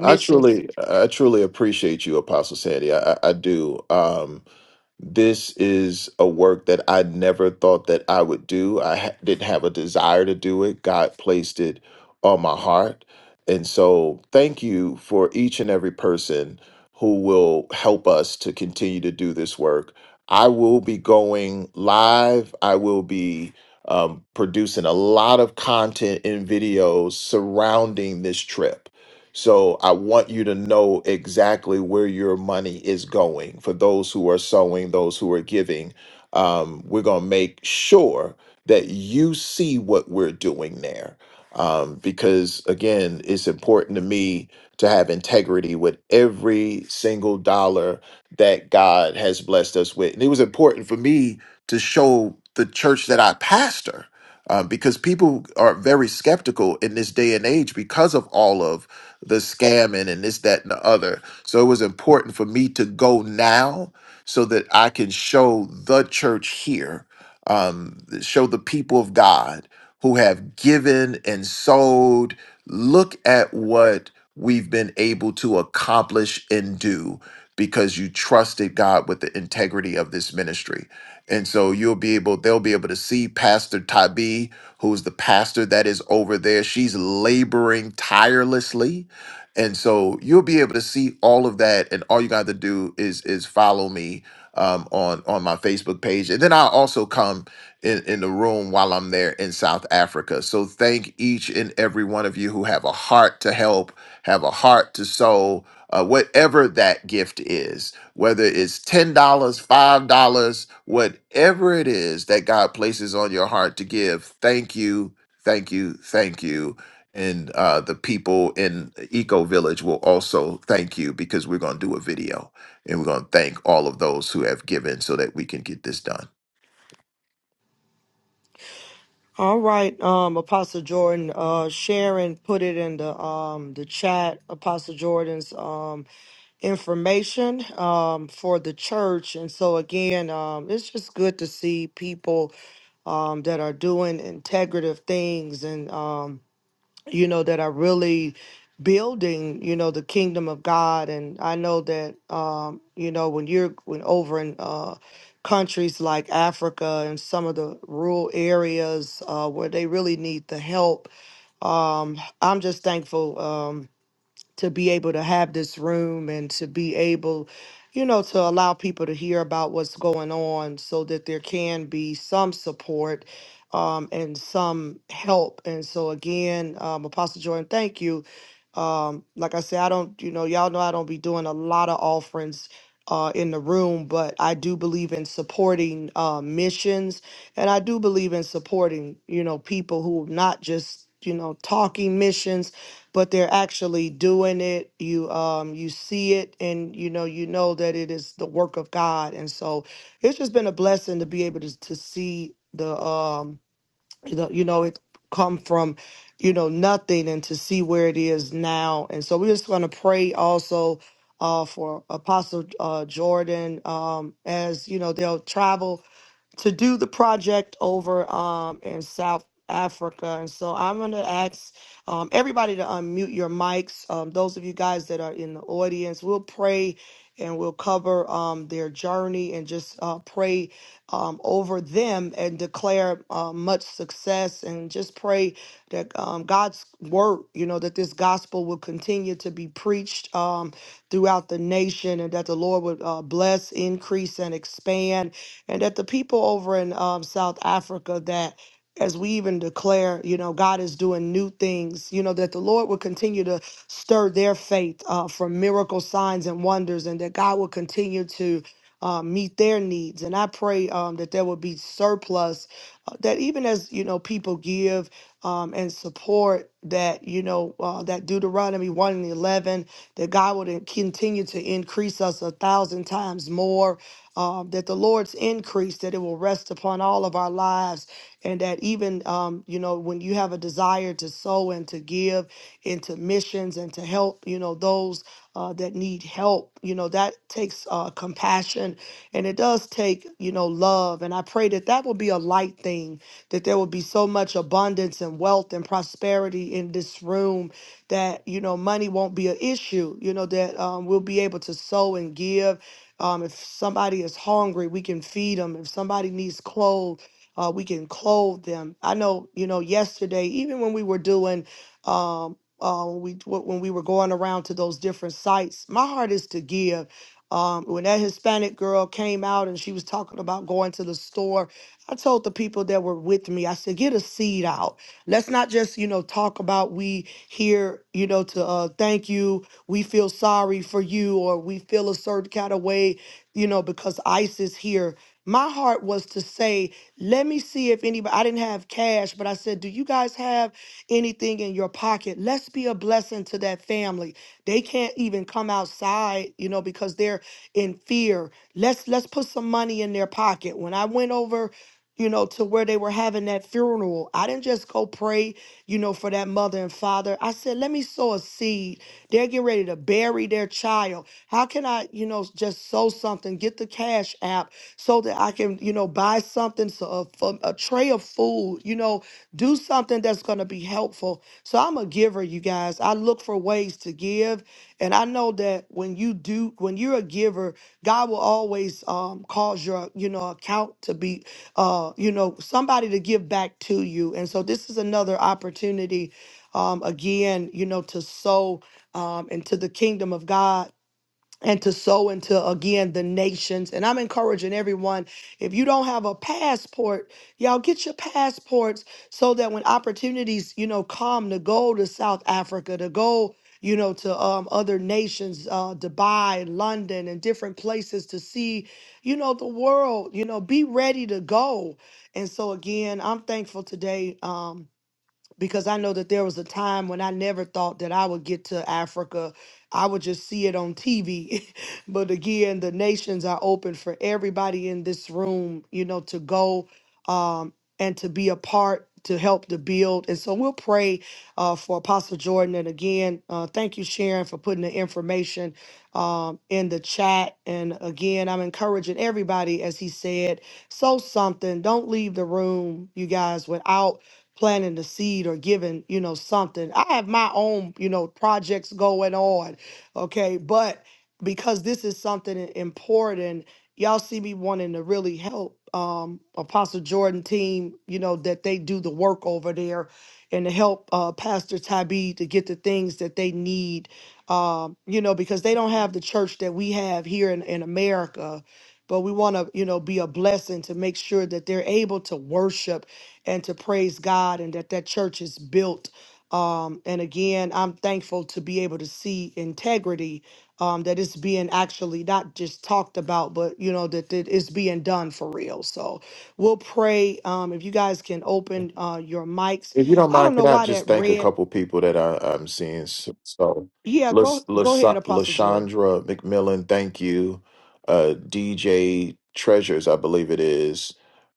I, I truly, I truly appreciate you, Apostle Sandy. I, I, I do. Um, this is a work that I never thought that I would do. I ha- didn't have a desire to do it. God placed it on my heart. And so, thank you for each and every person who will help us to continue to do this work. I will be going live. I will be um, producing a lot of content and videos surrounding this trip so I want you to know exactly where your money is going. For those who are sowing, those who are giving, um, we're going to make sure that you see what we're doing there. Um, because again, it's important to me to have integrity with every single dollar that God has blessed us with. And it was important for me to show the church that I pastor um, because people are very skeptical in this day and age because of all of the scamming and this, that, and the other. So it was important for me to go now so that I can show the church here, um, show the people of God who have given and sold. Look at what we've been able to accomplish and do because you trusted God with the integrity of this ministry. And so you'll be able, they'll be able to see Pastor Tabi, who's the pastor that is over there. She's laboring tirelessly and so you'll be able to see all of that, and all you got to do is is follow me um, on on my Facebook page, and then I'll also come in in the room while I'm there in South Africa. So thank each and every one of you who have a heart to help, have a heart to sow, uh, whatever that gift is, whether it's ten dollars, five dollars, whatever it is that God places on your heart to give. Thank you, thank you, thank you and uh, the people in Eco Village will also thank you because we're going to do a video and we're going to thank all of those who have given so that we can get this done. All right, um, Apostle Jordan, uh, Sharon put it in the um, the chat. Apostle Jordan's um, information um, for the church, and so again, um, it's just good to see people um, that are doing integrative things and. Um, you know, that are really building, you know, the kingdom of God. And I know that, um, you know, when you're when over in uh, countries like Africa and some of the rural areas uh, where they really need the help, um, I'm just thankful. Um, to be able to have this room and to be able, you know, to allow people to hear about what's going on so that there can be some support um, and some help. And so, again, um, Apostle Jordan, thank you. Um, like I said, I don't, you know, y'all know I don't be doing a lot of offerings. Uh, in the room, but I do believe in supporting uh, missions, and I do believe in supporting, you know, people who not just, you know, talking missions, but they're actually doing it you um you see it and you know you know that it is the work of god and so it's just been a blessing to be able to, to see the um the, you know it come from you know nothing and to see where it is now and so we're just going to pray also uh for apostle uh jordan um as you know they'll travel to do the project over um, in South Africa. And so I'm going to ask um, everybody to unmute your mics. Um, those of you guys that are in the audience, we'll pray and we'll cover um, their journey and just uh, pray um, over them and declare uh, much success and just pray that um, God's word, you know, that this gospel will continue to be preached um, throughout the nation and that the Lord would uh, bless, increase, and expand and that the people over in um, South Africa that as we even declare, you know, God is doing new things, you know, that the Lord will continue to stir their faith uh, for miracle signs and wonders, and that God will continue to uh, meet their needs. And I pray um, that there will be surplus, uh, that even as, you know, people give um, and support that, you know, uh, that Deuteronomy 1 and 11 that God would continue to increase us a thousand times more, um, that the Lord's increase, that it will rest upon all of our lives, and that even, um, you know, when you have a desire to sow and to give into missions and to help, you know, those uh, that need help help. You know, that takes uh, compassion and it does take, you know, love. And I pray that that will be a light thing, that there will be so much abundance and wealth and prosperity in this room that, you know, money won't be an issue, you know, that um, we'll be able to sow and give. Um, if somebody is hungry, we can feed them. If somebody needs clothes, uh, we can clothe them. I know, you know, yesterday, even when we were doing, um, uh, when we wh- when we were going around to those different sites. My heart is to give. Um, when that Hispanic girl came out and she was talking about going to the store, I told the people that were with me, I said, get a seed out. Let's not just, you know, talk about we here, you know, to uh, thank you, we feel sorry for you, or we feel a certain kind of way, you know, because ICE is here. My heart was to say, let me see if anybody, I didn't have cash, but I said, do you guys have? anything in your pocket. Let's be a blessing to that family. They can't even come outside, you know, because they're in fear. Let's let's put some money in their pocket. When I went over you know, to where they were having that funeral. I didn't just go pray, you know, for that mother and father. I said, let me sow a seed. They're getting ready to bury their child. How can I, you know, just sow something, get the cash app so that I can, you know, buy something, so a, f- a tray of food, you know, do something that's going to be helpful. So I'm a giver, you guys. I look for ways to give. And I know that when you do, when you're a giver, God will always um, cause your, you know, account to be uh, you know, somebody to give back to you. And so this is another opportunity, um, again, you know, to sow um, into the kingdom of God and to sow into again the nations. And I'm encouraging everyone if you don't have a passport, y'all get your passports so that when opportunities, you know, come to go to South Africa, to go, you know, to um, other nations, uh, Dubai, London, and different places to see, you know, the world, you know, be ready to go. And so again, I'm thankful today. Um, because I know that there was a time when I never thought that I would get to Africa. I would just see it on TV. [laughs] but again, the nations are open for everybody in this room, you know, to go um, and to be a part to help to build. And so we'll pray uh, for Apostle Jordan. And again, uh, thank you, Sharon, for putting the information um, in the chat. And again, I'm encouraging everybody, as he said, sow something. Don't leave the room, you guys, without planting the seed or giving, you know, something. I have my own, you know, projects going on. Okay. But because this is something i- important, y'all see me wanting to really help um Apostle Jordan team, you know, that they do the work over there and to help uh Pastor Tybee to get the things that they need. Um, you know, because they don't have the church that we have here in, in America but we want to you know be a blessing to make sure that they're able to worship and to praise god and that that church is built um, and again i'm thankful to be able to see integrity um, that is being actually not just talked about but you know that it is being done for real so we'll pray um, if you guys can open uh, your mics If you don't i mind, don't can know I why just that thank a red couple people that I, I'm seeing? So, so yeah go Las- go Las- ahead apostle Jordan. Lashandra McMillan, thank you. Uh, DJ Treasures, I believe it is.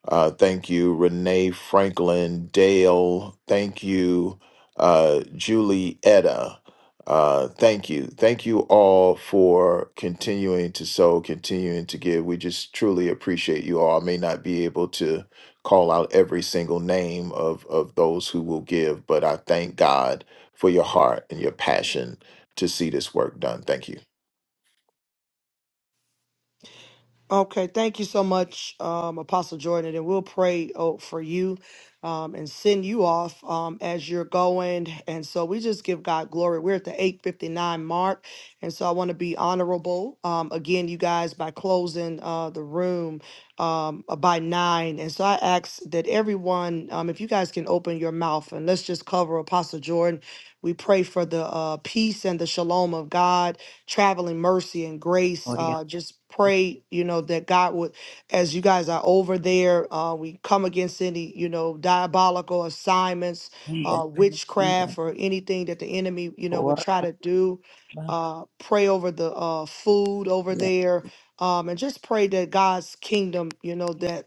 Uh, thank you. Renee Franklin, Dale, thank you. Uh, Julie Etta, uh, thank you. Thank you all for continuing to sow, continuing to give. We just truly appreciate you all. I may not be able to call out every single name of of those who will give, but I thank God for your heart and your passion to see this work done. Thank you. Okay, thank you so much, um, Apostle Jordan, and we'll pray oh, for you um, and send you off um, as you're going. And so we just give God glory. We're at the 8:59 mark, and so I want to be honorable um, again, you guys, by closing uh, the room um, uh, by nine. And so I ask that everyone, um, if you guys can open your mouth and let's just cover Apostle Jordan. We pray for the uh, peace and the shalom of God traveling mercy and grace. Gloria, Uh, just pray, you know, that God would, as you guys are over there, uh, we come against any, you know, diabolical assignments, in the uh, name of Jesus, Yeah, witchcraft, or anything that the enemy, you know, would Gloria. try to do. Uh, pray over the uh, food over yeah. there. Um, and just pray that God's kingdom, you know, that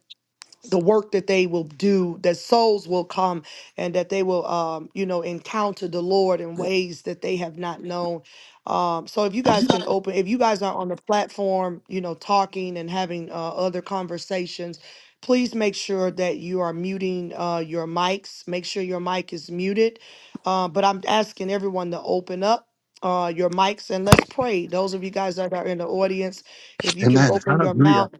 the work that they will do, that souls will come and that they will, um, you know, encounter the Lord in ways that they have not known. Um, so if you guys can open, if you guys are on the platform, you know, talking and having uh, other conversations, please make sure that you are muting uh, your mics. Make sure your mic is muted. Uh, but I'm asking everyone to open up uh, your mics and let's pray. Those of you guys that are in the audience, if you can Amen. open your Hallelujah. mouth.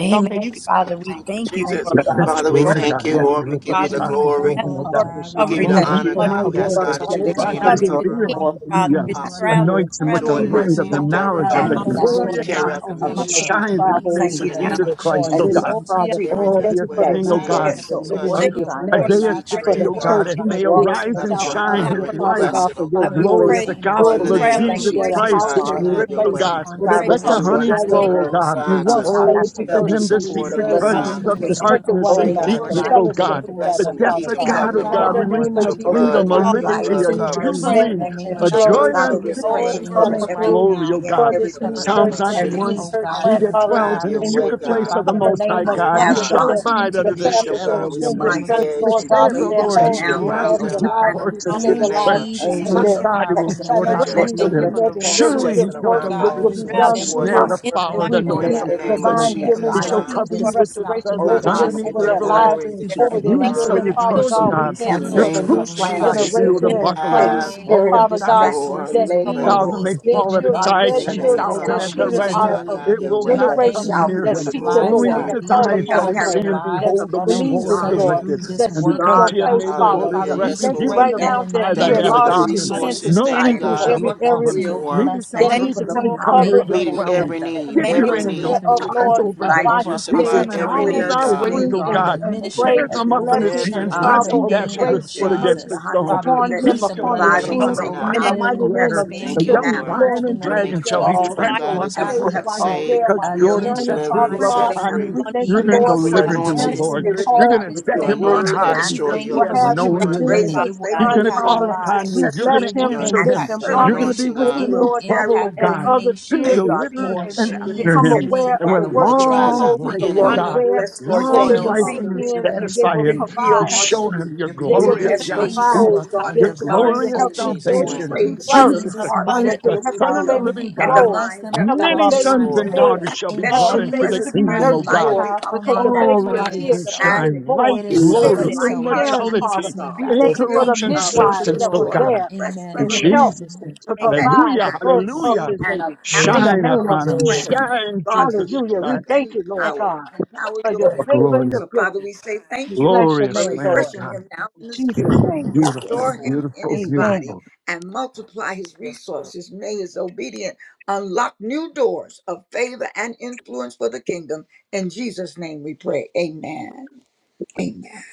Amen. Okay, you Yes, God. Father, we Thank you, thank you Thank Jesus. you, for That, Father. that's Apostle Father, we glory to Jordan, thank God. you, Yes, Father, we Lord. we We lift give up you thank bless Father you the you, God. Apostle Thank you, glory. now. Yes, Father Jordan, oh Lord Lord, Pastor God. God. we We We cover give Rashawn, We you him in your thank the Lord, you thank not father, the honor, by you for blood God, of God. for might, We the Pastor Lord, ask, work by for that Jesus. God, power, that Jordan, you you sending by We God. continue upon to thy We have the cover thank given his you Jordan to cover for spirit. king, what forth Congress his you're Father, Hallelujah. doing, his things our to Lord do, Apostle travel, God. We Anoint Lord. him pray with the We traveling right Jordan servant light mercy lift as of him he the up now right endeavor, now knowledge for of and and the the God, in the plead Apostle the blood glory mighty to of messenger of and Jordan. In carry Jesus God. out the powerful over the of the mighty name him mission, as of kingdom. he Shine God, in We the want to travels face Jesus, and name thank in the you of the of Jesus. now things name Lord, Jesus of that's Christ, that going as oh you with we Jesus. would God. him, Oh, continue yeah. Father. to decree Mama, Oh, Everywhere protect Thank you dear him, for where the that oh thing, his his oh Father, God, God. protect resources steps hands and are the Uh, every uh, touch, need ordered thank ministry you, at that's by work, oh where met Lord, his you Isaiah God. feet for the Father, great for we 60, O the and tread, pray that God, for work. God, church and he he may that's divine built walks favor. in arise in God, We and that pray South you're for divine shine purpose, Africa, his honoring Africa, and oh Father increase. light, Father God, God, blessed, for oh the your God. God. Father, We in the glory glory. grace of pray, the and name of God, Lord, In the gospel for authority. we of We name Jesus, thank of traveling Lord, thank you Jesus you we great that a thank Jesus, today, you Christ, house that his God, has you God, your been laborers. have lips, your hand oh is placed He way. God. upon where they this Pray, can Let travels to the Father, come ministry Everyone honey in that's the together name thank coming of flow, oh you Johannesburg, for Jesus. God. all we alongside of uh, want to South Father, we Oh, space to pray open for Africa. help to that, We and him worship the you, to plead protection. support We the secret them, pray oh blood serve of you, Father, treasures Psalm God. of to going Jesus there. Thank 91 strengthen I over you darkness one pray, over and him, his another, for the God, over work to that deepness, that you life, oh fellowship over everyone God. we who will bless The together, them be everyone and that is depths Father keep of them thank uh, God. you, God, covered oh them. traveling, Lord, In God, the God, traveling, Lord name with releasing of God. a Your We pray Jesus, over for for freedom, that blood, a every the God, every call. your traveling need flight, liberty, grace a blood over continue and to be every covers. mercy Pray, met in jubilee, the and name connection. Psalm a of Your 90 joy blood Jesus. Father, flourishing we're covers everywhere Dispatch unspeakable, they praying go, over full over coming angels God. of every him. right through glory, now oh meeting and for God. to every this But in the new cover and uh, name church, Psalms of for you protect this every them, new 91, oh Jesus, church God, he plant, encounter, during that the Father, divine dwells have in the your traveling, in your way, Lord. secret encounter. place kingdom, God. of Father, the in Cover we him the Most pray High name I of that Oh, your God, up. he have hand Jesus, and God, shall God that in the continue name abide of to the under Thank be the thy keep upon them, this families Son shadow that God. of Jesus We the ministry in attend the send you, this up name Almighty. Christ. of church, Father, Jesus, The hedge Lord that We say God, of that the pray you of their Lord, get the even homes he's protection will the now be that glory, you around blessed, will oh refuge their them. God. lives will for surround be us for all of is him his In the In him. name with stabilized, strength. of Jesus' My and angels mighty their Jesus, of and God, God, it powerful will protection. name, Jordan Bless hedge Father, financial we of Let needs no will trusted thank you be his him. for church weapon the met, and home form every Surely against good he protection resources, him shall Lord work as around God. shot deliver will those thee be they who are from We the travel done thank and you through snare, supporting them. the for in prosper, the the And fowler, mighty the we and people him let speak in that noisome the every name. name you are of pestilence. tongue divine sending that from the healing Jesus, He and Thank shall north, rises God. the peace cover you, you and Lord, east, against the with him, his south, restoration and O the God, feathers. over that you God, them, would west, Underneath in get over your the Lord their God, judgment, lives, glory, everlasting to that you be there. would a over be get the their Thank wings you shall for blessing children. the honor. you condemned. Father trust, children's O God, into We we God. this thank In the you Your cancel for village, the ministry, name new truth every of shall Heavenly be plan Lord. thy of Father. the Jesus, We shield generation In the pray and enemy, and buckler. every claim have that, divine spirit Oh, of peace Father not God, distraction, your that resources will delay, of be continue. way, or these thousand may Lord. danger. released their in fall the at his God, children, name we of side, their In say the ten thank name you children, Jesus. of thousand their now Father, at for the we children his Jesus, right thank are hand. God, journey of you. have It the your will and We way. not that he generation thank come shall you near be that Give for you the the him. seek peace. the glory, lives we Only that Lord, give Uh, with you will that the his be call he eyes upon shall shall the praise. he impacted, carry see the Lord, the and that lives behold the In shalom that will be of believes reward in Jesus' of the God, the the touched Lord, name, wicked. through peace, this that And seek work, because your oh God, he had the face, made God. the Lord Father. his hallelujah. Father, We we Yes, refuge, thank you pray even Lord. productivity right the in that now Most the that High thy you Thank name you for needed, of the God. enlarging his habitation, He will tents Jesus and resources. you no Thank Thank you, supply it evil strengthening you. God, shall according every to your your befall area him, will. continued for neither shall that blessings, Thank Thank your you any needs for to the be you, plague continued come power Lord. near covered of the his favor, and, meeting Holy put- Thank dwelling. every that and, Ghost the you for that the need, and Give man, your every windows taken of angels operates care need. heaven of, fully would in charge Apostle Lord, open his over Jordan, up life. them, while over You he's We Keep Apostle there. supply them in Jordan, every over all We declare need, thy his God. today, ways, decree family, O God, over and, the God. that and name. open pray ministry, Bear them heavens up over in the his blessings of Every can. hands, church, need, uh, in lest the the thank he travel you, and open name dashes of his needs, grace heavens foot in and God. against mercy a Jesus. stone. Lord, Father, Johannesburg. we upon Let He him, plead the Blessing shall blood upon of going his tread in, revival there'll upon team. Jesus the break coming be over out. In the many lion out him, and mighty in the over that name adder. his of nation to The Thank family, you, Jesus, over your young the now. Lord. church, Lord, lion we and in the thank And word, we name Thank you dragon you of for shall that the he call Jesus. the people, he him, mighty will trample God, be Lord that's going as God, to safe you we be underfoot. have while he's pray called saved, him there, to Because while he build, Jordan again, journeys, sets blessing, his delivered, Father and divine love strengthen set God. blessing the upon free. you, favor We foundation abundantly, thank be you're you, of going to that Thank you Father Lord, for released your for church deliver God. you him, with O into your Thank anointing, you this answering Lord. the for the spirit, ministry, You're call shalom going God. to and We with set your saying your him thank yes on you. to anointing word, what that high We and you with because destroys thank he your you will for has yokes, have what your wisdom. you him are to known around, anoint, your do doing, at Raise name. that up Father it this will He's God. going faithful time, to impact Thank leaders, call Father. upon lives, We you. You're intercessors, bless going it to will him your, answer and and lift him. impact him your you up. You're going servants to And we be anointing, generations, for St. with Louis, thank who God, you, him it will in will Lord, that carry trouble, the O impact as the God, vision, others nation. to hear as and God, see deliver In forth and eh, and you with honor become Jesus' him. integrity aware name, And of with the Father, and with we work that that you drives unity. thank long you. told out the him We life, So, to O pray Lord, find, enemy. do we your God, there, bless the We Lord, continued to that long they thank you, soil will life peace, of increase. give Lord, the will you your in region and they satisfy will to continued him and yield provide. much show protection, fruit. him your your in They We the will name glorious continued be of bless Thank you, those favor, Jesus, provide. Yahuwah, souls, Apostle God, and They your will that shall be Jordan. divine continue to glorious help saved. this open Jesus' We baby salvation doors to name. be in praise for birthed Bless him the Jesus the Jesus' hearts mighty Christ, that that abundant the they and will help be Son this of the healed powerful baby be living name. and the God. clothed, Bless minds them a that help will this Many above thousand be baby Yes, sons be times Lord. and renewed. more. fed, daughters shall be In help Let all brought this your that into baby the presence to Jesus' be he ever kingdom rest mighty of nurtured, and God. Lord, mightily powerful had, because upon the name, I Oh, that baby pray is church it rise is here, God. and the so. baby as is a shine, born, light, It is beacon the of so. Jesus' It baby That name. glory, his is needs light so. In in heart, caring, God, Father. Africa, Jesus' immortality, name, God. We is God, we thank Yes, you for Give the thank you. incorruption, We uh, give Lord. you full the midwives Yes, Apostle substance, that oh was glory. Lord. of Jordan God. there God. fresh Amen In So and and we the help bless revelation, Jesus' amen. name, to his prophetic provide hallelujah, the birth of accuracy, hallelujah. this and an baby in the name. Shine name of apostolic upon him, strength Jesus. shine, God, to Jesus, Hallelujah. We equip shine. and thank you, Lord empower, God, empower for your your Oh, people. favor and glorious, your So, Father, we goodness. say thank We you bless your for glorious name, Lamb of Lord. refreshing God. him now In in the spirit. Jesus' name, Restore Beautiful, him in beautiful, his amen. body beautiful. and multiply his resources. May his obedience unlock new doors of favor and influence for the kingdom. In Jesus' name we pray. Amen. Amen.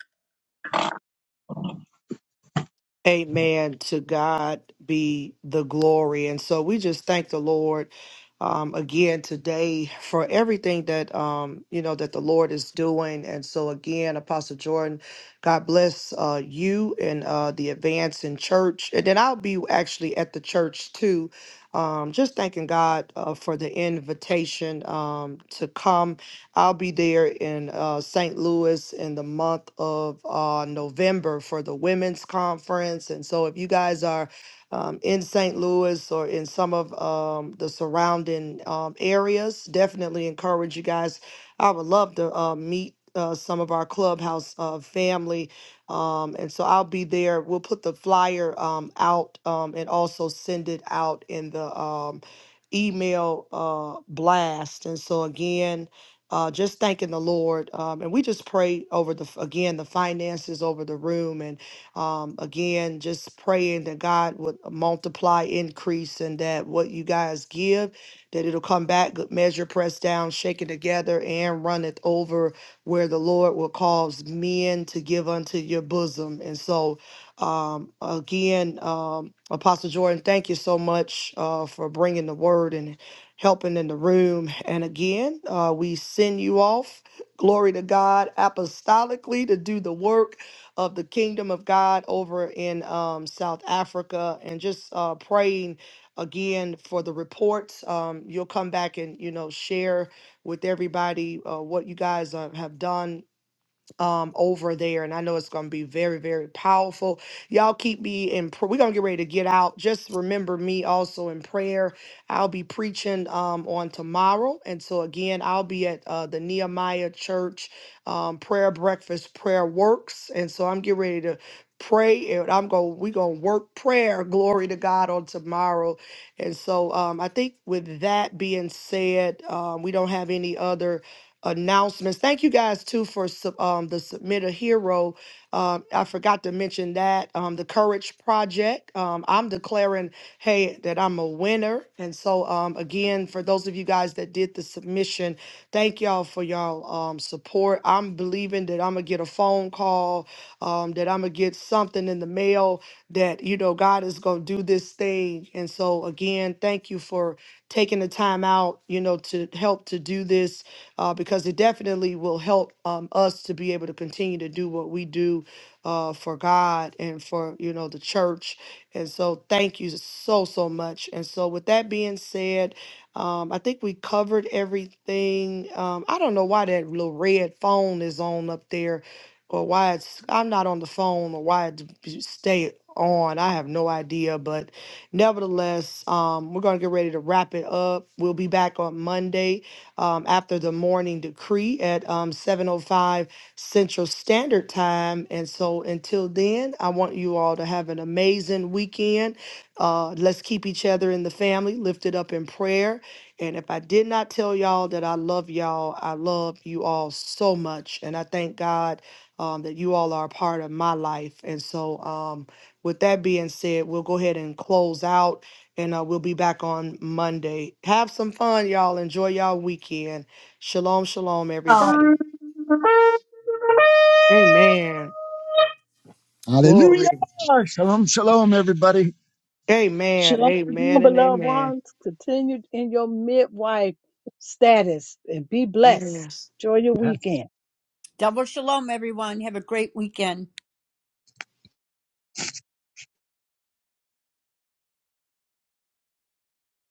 Amen. To God be the glory. And so we just thank the Lord um, again today for everything that um, you know that the Lord is doing. And so again, Apostle Jordan, God bless uh, you and uh, the advance in church. And then I'll be actually at the church too. Um, just thanking God uh, for the invitation um, to come I'll be there in uh, St. Louis in the month of uh, November for the women's conference. And so, if you guys are um, in St. Louis or in some of um, the surrounding um, areas, definitely encourage you guys. I would love to uh, meet. Uh, some of our clubhouse uh, family. Um, and so I'll be there. We'll put the flyer um, out um, and also send it out in the um, email uh, blast. And so, again, uh, just thanking the Lord. Um, and we just pray over the, again, the finances over the room. And um, again, just praying that God would uh, multiply, increase, and that what you guys give, that it'll come back, good measure, pressed down, shaken together, and runneth over where the Lord will cause men to give unto your bosom. And so, um, again, um, Apostle Jordan, thank you so much uh, for bringing the word. and helping in the room. And again, uh, we send you off, glory to God, apostolically to do the work of the kingdom of God over in um, South Africa and just uh, praying again for the reports. Um, you'll come back and, you know, share with everybody uh, what you guys uh, have done um over there and I know it's going to be very very powerful. Y'all keep me in pr- we're going to get ready to get out. Just remember me also in prayer. I'll be preaching um on tomorrow and so again I'll be at uh the Nehemiah Church um prayer breakfast prayer works and so I'm getting ready to pray and I'm going we're going to work prayer glory to God on tomorrow. And so um I think with that being said, um we don't have any other announcements. Thank you guys too for sub- um, the submit a hero. Um, I forgot to mention that um, the Courage Project. Um, I'm declaring, hey, that I'm a winner. And so um, again, for those of you guys that did the submission, thank y'all for y'all um, support. I'm believing that I'm gonna get a phone call, um, that I'm gonna get something in the mail that you know God is is going to do this thing. And so, again, thank you for taking the time out, you know, to help to do this uh, because it definitely will help um, us to be able to continue to do what we do uh, for God and for, you know, the church. And so, thank you so, so much. And so, with that being said, um, I think we covered everything. Um, I don't know why that little red phone is on up there or why it's I'm not on the phone or why it stay on. I have no idea, but nevertheless, um, we're gonna get ready to wrap it up. We'll be back on Monday um, after the morning decree at um, 7:05 Central Standard Time. And so, until then, I want you all to have an amazing weekend. Uh, let's keep each other in the family lifted up in prayer. And if I did not tell y'all that I love y'all, I love you all so much, and I thank God um, that you all are a part of my life. And so, um, with that being said, we'll go ahead and close out and uh, we'll be back on Monday. Have some fun, y'all. Enjoy y'all weekend. Shalom, shalom, everybody. Amen. Hallelujah. Glory. Shalom, shalom, everybody. Amen. Shalom, Amen and beloved amen. ones. Continue in your midwife status and be blessed. Yes. Enjoy your weekend. Double shalom, everyone. Have a great weekend.